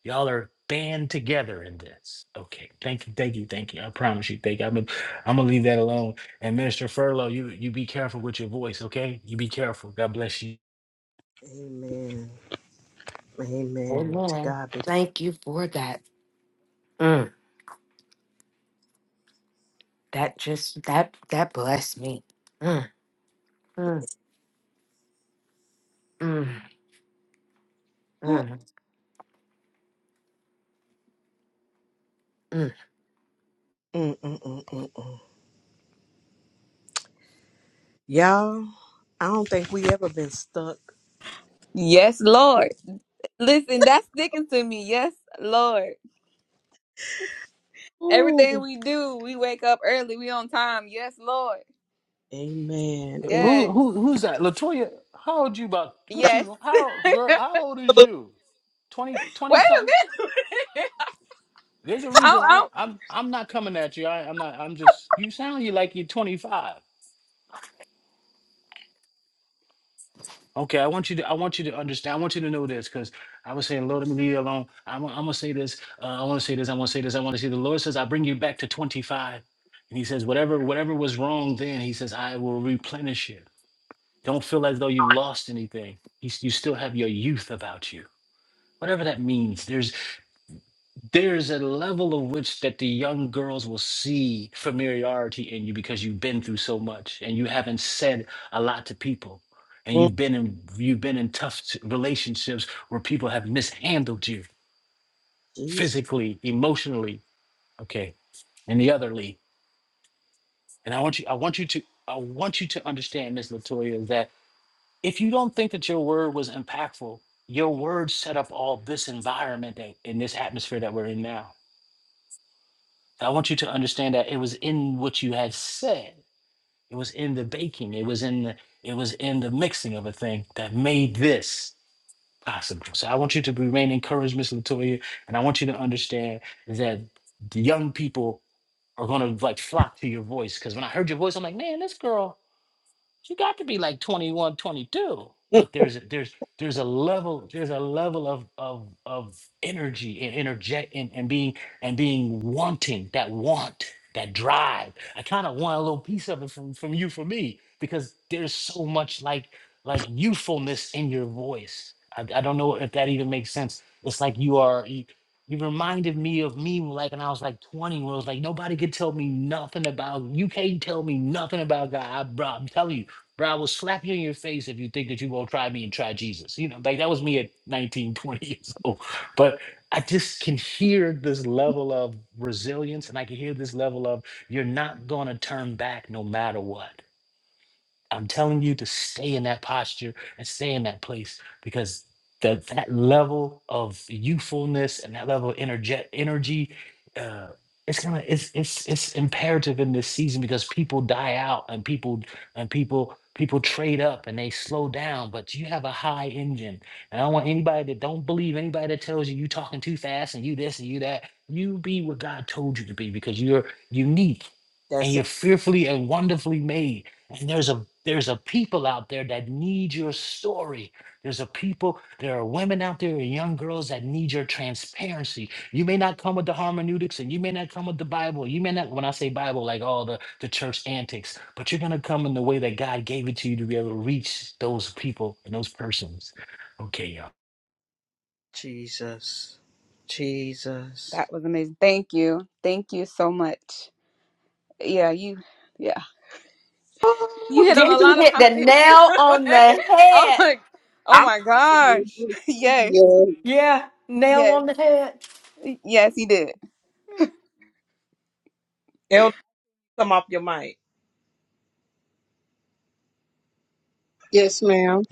Y'all are band together in this. Okay. Thank you. Thank you. Thank you. I promise you. Thank you. I'm gonna, I'm gonna leave that alone. And Minister Furlow, you you be careful with your voice, okay? You be careful. God bless you. Amen. Amen. To Amen. God be the glory. Thank you for that. Mm, that just that that blessed me. Mm, mm, mm, mm, mm. Mm, mm, mm, mm, mm. Y'all. I don't think we ever been stuck. Yes, Lord. Listen, that's sticking to me. Yes, Lord. Ooh. Everything we do, we wake up early. We on time. Yes, Lord. Amen. Amen. Who Yes, who who's that? Latoya, how old you about what yes. you how girl, how old is you? 20 20 Wait a something? minute. There's a I, reason don't- I, I, don't- I'm I'm not coming at you. I, I'm not. I'm just. You sound you like you're 25. Okay, I want you to I want you to understand. I want you to know this because I was saying, Lord, let me leave you alone. I'm, I'm gonna say this. Uh, I want to say this. I want to say this. I want to say. The Lord says, I bring you back to 25, and He says, whatever whatever was wrong then, He says, I will replenish it. Don't feel as though you lost anything. He's, you still have your youth about you. Whatever that means. There's there's a level of which that the young girls will see familiarity in you because you've been through so much and you haven't said a lot to people and you've been in you've been in tough s- relationships where people have mishandled you Jesus. physically emotionally okay and the otherly and i want you i want you to i want you to understand miss latoya that if you don't think that your word was impactful your word set up all this environment that, in this atmosphere that we're in now I want you to understand that it was in what you had said. It was in the baking. It was in the it was in the mixing of a thing that made this possible. So I want you to remain encouraged, Miss Latoya, and I want you to understand that the young people are gonna like flock to your voice. Because when I heard your voice, I'm like, man, this girl, you got to be like 21, 22. but there's a- there's there's a level there's a level of of of energy and energet and, and being and being wanting that want that drive i kind of want a little piece of it from from you for me because there's so much like like youthfulness in your voice i, I don't know if that even makes sense it's like you are you, you reminded me of me like when I was like 20, where it was like nobody could tell me nothing about you can't tell me nothing about God, I, bro. I'm telling you, Bro, I will slap you in your face if you think that you won't try me and try Jesus. You know, like that was me at 19, 20 years old. But I just can hear this level of resilience and I can hear this level of you're not going to turn back no matter what. I'm telling you to stay in that posture and stay in that place because that that level of youthfulness and that level of energe- energy, uh, it's gonna it's it's it's imperative in this season because people die out and people and people people trade up and they slow down, but you have a high engine. And I don't want anybody that don't believe anybody that tells you you talking too fast and you this and you that. You be what God told you to be because you're unique That's and you're fearfully and wonderfully made and there's a there's a people out there that need your story. There's a people, there are women out there and young girls that need your transparency. You may not come with the hermeneutics and you may not come with the Bible. You may not, when I say Bible, like all the, the church antics, but you're gonna come in the way that God gave it to you to be able to reach those people and those persons. Okay, y'all. Jesus. Jesus. That was amazing. Thank you. Thank you so much. Yeah, you. You Oh, hit on a David lot of hit the topics. nail on the I'm head. like, oh I'm my gosh. Yes. Yeah. Yes. Yes, you did. elder. Come off your mic. Yes, ma'am.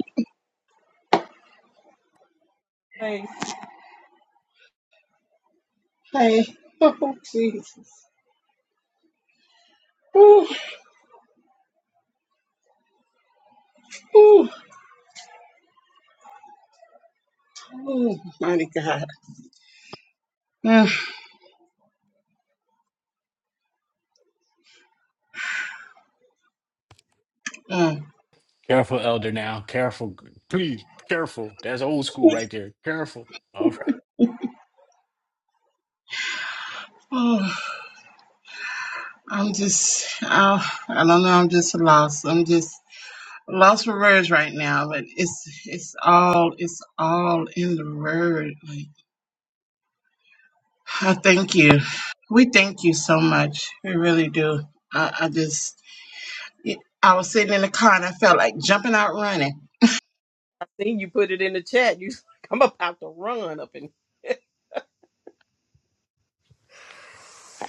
Hey, Hey. Oh, Jesus. Ooh, ooh, ooh, mighty God. Mm, mm, Careful, elder now. Careful. Please, careful. That's old school right there. Careful. All right. ooh. I'm just, I, I don't know, I'm just lost. I'm just lost for words right now, but it's, it's all, it's all in the word. Like, I thank you. We thank you so much. We really do. I, I just, I was sitting in the car and I felt like jumping out running. I seen you put it in the chat. You, I'm about to run up and.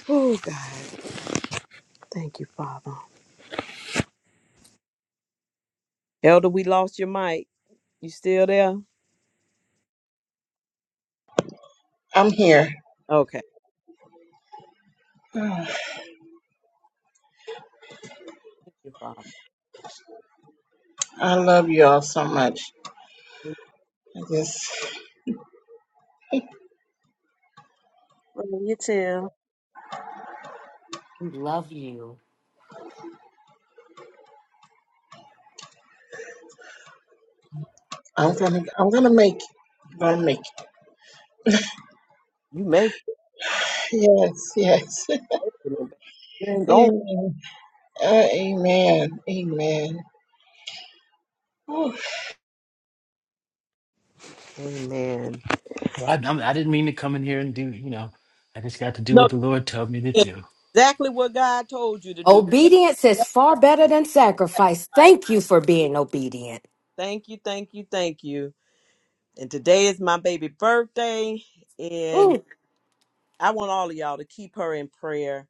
oh God, thank you, Father. Elder, we lost your mic. You still there? I'm here. Okay. Thank you, Father. I love you all so much. I just Well, you too. I'm gonna I'm gonna make it. gonna make It. You make yes yes it. You ain't going. amen uh, amen amen Whew. Amen. Well, I, I'm- I didn't mean to come in here and do, you know, I just got to do No, what the Lord told me to you did do. exactly what God told you to do. Over That's right. being. Thank you, thank you, thank you. And today is my baby birthday, and I want all of y'all to keep her in prayer.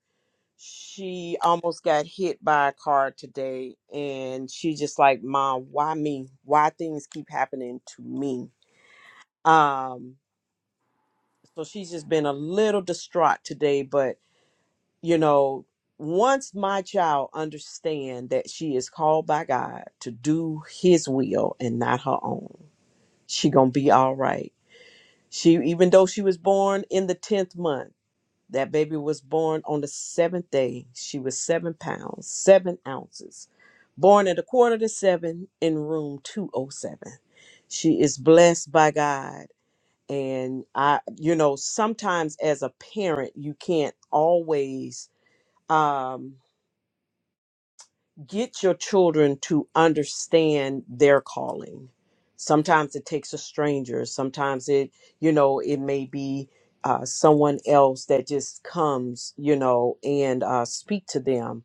She almost got hit by a car today, and she just like, Mom, why me? Why things keep happening to me? Um, so she's just been a little distraught today, but you know, once my child understand that she is called by God to do his will and not her own, she gonna be all right She, even though she was born in the 10th month, that baby was born on the seventh day. She was seven pounds, seven ounces, born at a quarter to seven in room 207. She is blessed by God. And I, you know, sometimes as a parent, you can't always. um, get your children to understand their calling sometimes it takes a stranger sometimes it you know it may be uh, someone else that just comes you know and uh, speak to them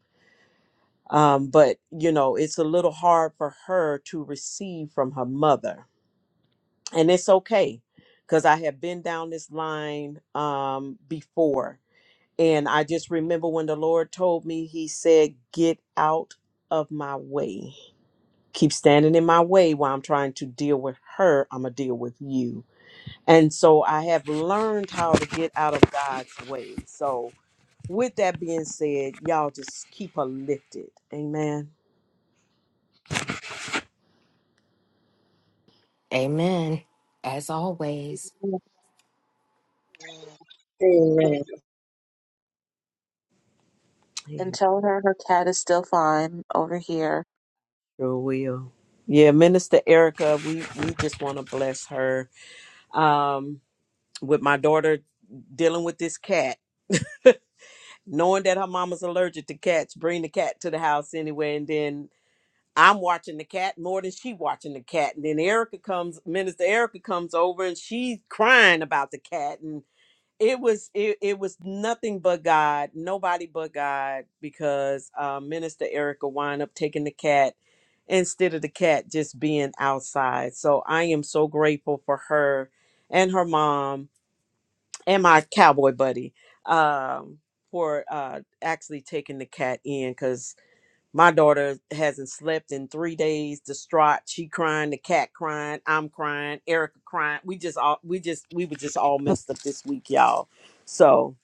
um, but you know it's a little hard for her to receive from her mother and it's okay because i have been down this line um, before and i just remember when the lord told me he said get out of my way keep standing in my way while I'm trying to deal with her, I'm going to deal with you. And so I have learned how to get out of God's way. So, with that being said, y'all just keep her lifted. Amen. amen And Amen. tell her her cat is still fine over here. Sure will. Yeah, Minister Erica, we, we just want to bless her. Um, with my daughter dealing with this cat, knowing that her mama's allergic to cats, bring the cat to the house anyway, and then I'm watching the cat more than she watching the cat. And then Erica comes, Minister Erica comes over and she's crying about the cat. And it was it, it was nothing but God, nobody but God, because uh, Minister Erica wind up taking the cat instead of the cat just being outside. So I am so grateful for her and her mom and my cowboy buddy um, for uh, actually taking the cat in my daughter hasn't slept in three days, distraught. She crying, the cat crying, I'm crying, Erica crying. We just all we just we were just all messed up this week, y'all. So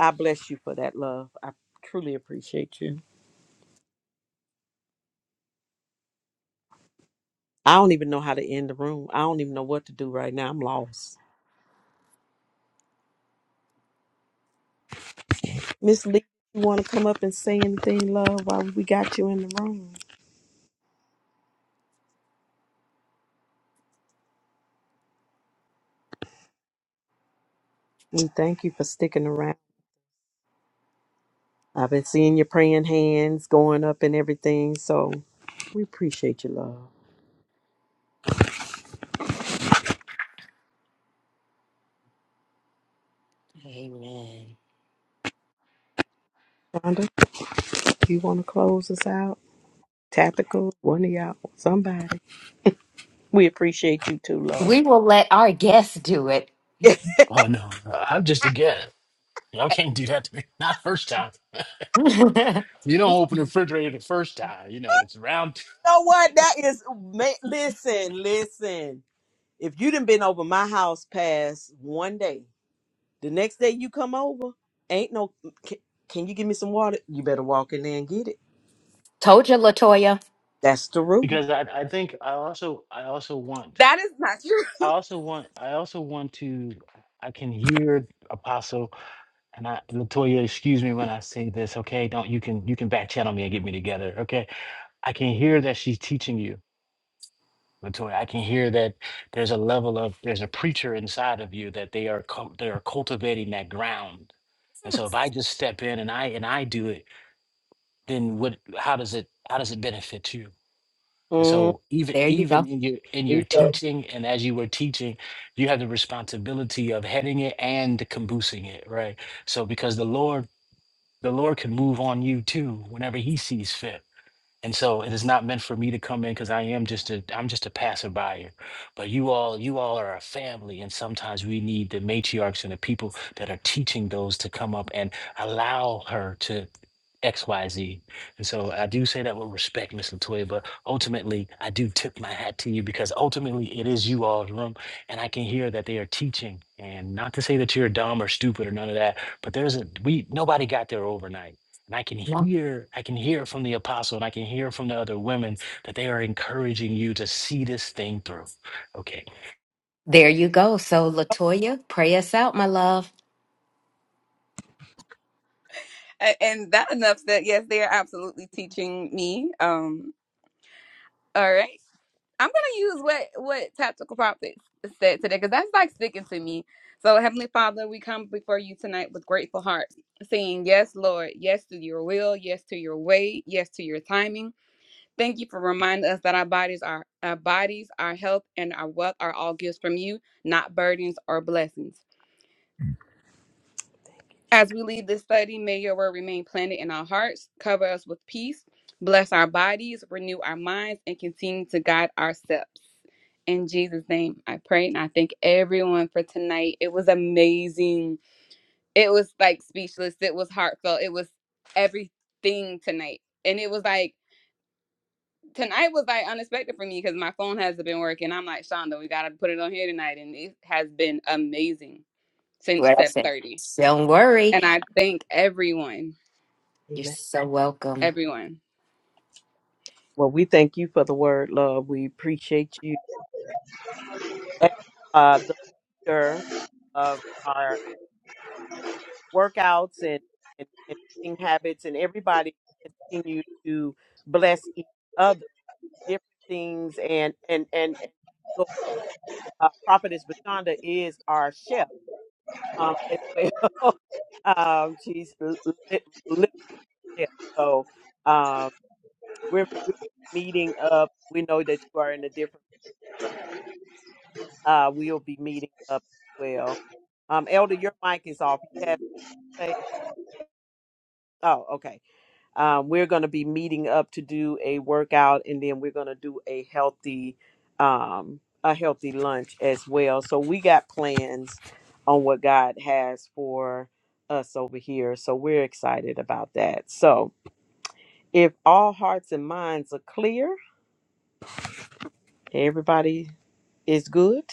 I bless you for that love. I truly appreciate you. I don't even know how to end the room. I don't even know what to do right now. I'm lost. Miss Lee, you want to come up and say anything, love, while we got you in the room? We thank you for sticking around. I've been seeing your praying hands going up and everything. So we appreciate you, love. Shonda? You want to close us out? Tactical, one of y'all, somebody. We appreciate you too, Lord. We will let our guests do it. Oh, no, I'm just a guest. Y'all can't do that to me. Not first time. You don't open the refrigerator the first time, you know, it's round two. You know what? That is, ma- listen, listen. If you done been over my house past one day, the next day you come over, ain't no. Can, can you give me some water? You better walk in there and get it. Told you, Latoya. That's the rule. Because I, I think I also, I also want, That is not I true. also want, I also want to, I can hear Apostle and I, Latoya, excuse me when I say this, okay? Don't, you can, you can back channel me and get me together, okay? I can hear that she's teaching you. Latoya, I can hear that there's a level of there's a preacher inside of you that they are cul- they are cultivating that ground. And so if I just step in and I and I do it, then what how does it how does it benefit you? And Mm. so even There you even go. in your in your Amen. teaching and as you were teaching, you have the responsibility of heading it and caboosing it, right? So because the Lord the Lord can move on you too whenever he sees fit. And so it is not meant for me to come in because I am just a I'm just a passerby. But you all you all are a family, and sometimes we need the matriarchs and the people that are teaching those to come up and allow her to X Y Z. And so I do say that with respect, Miss Latoya. But ultimately, I do tip my hat to you because ultimately it is you all's room, and I can hear that they are teaching. And not to say that you're dumb or stupid or none of that, but there's a we nobody got there overnight and I can Yeah. hear, I can hear from the apostle and I can hear from the other women that they are encouraging you to see this thing through. Okay. There you go. So, Latoya, pray us out, my love. A- and that enough said, yes, they are absolutely teaching me. Um, all right. I'm gonna use what what tactical Prophet said today because that's like sticking to me. So Heavenly Father, we come before you tonight with grateful hearts, saying, Yes, Lord, yes to your will, yes to your way, yes to your timing. Thank you for reminding us that our bodies are our bodies, our health, and our wealth are all gifts from you, not burdens or blessings. As we leave this study, may your word remain planted in our hearts, cover us with peace, bless our bodies, renew our minds, and continue to guide our steps. In Jesus' name, I pray and I thank everyone for tonight. It was amazing. It was like speechless. It was heartfelt. It was everything tonight. And it was like tonight was like unexpected for me because my phone hasn't been working. I'm like, Shonda, we gotta put it on here tonight, and it has been amazing since What I said. 7:30. Free. And I thank everyone, You're- everyone. Well, we thank you for the word, love. We appreciate you. As, Uh, the leader of our workouts and, and, and eating habits, and everybody continue to bless each other, different things, and and and, and so, uh, Prophetess Bashonda is our chef um, as well. um, she's li- li- little chef, so um, we're, we're meeting up. We know that you are in a different, but uh, we'll be meeting up as well. Um, Elder, your mic is off. You had to say, oh, okay. Um, we're going to be meeting up to do a workout, and then we're going to do a healthy, um, a healthy lunch as well. So we got plans on what God has for us over here. So we're excited about that. So if all hearts and minds are clear, everybody is good.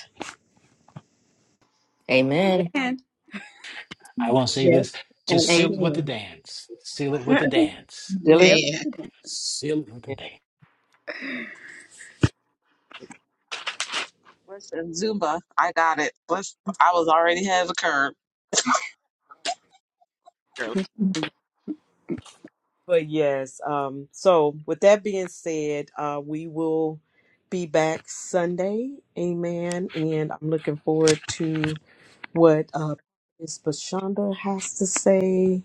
Amen. Amen. I won't say yes this. Just and seal it with the amen dance. Seal it with the dance. Dealing amen Seal it with the with dance. Listen, Zumba, I got it. Let's. I was already ahead of the curve. But yes, um, so with that being said, uh, we will be back Sunday. Amen. And I'm looking forward to what uh, Ms. Bashonda has to say.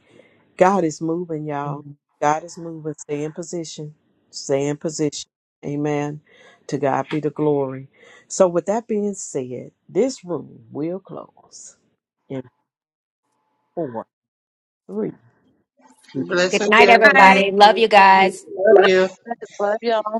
God is moving, y'all. Good God is moving. Stay in position. Stay in position. Amen. To God be the glory. So with that being said, this room will close in four, three, blessings night, Good night. everybody. everyone Love you guys. two, love you. Love y'all.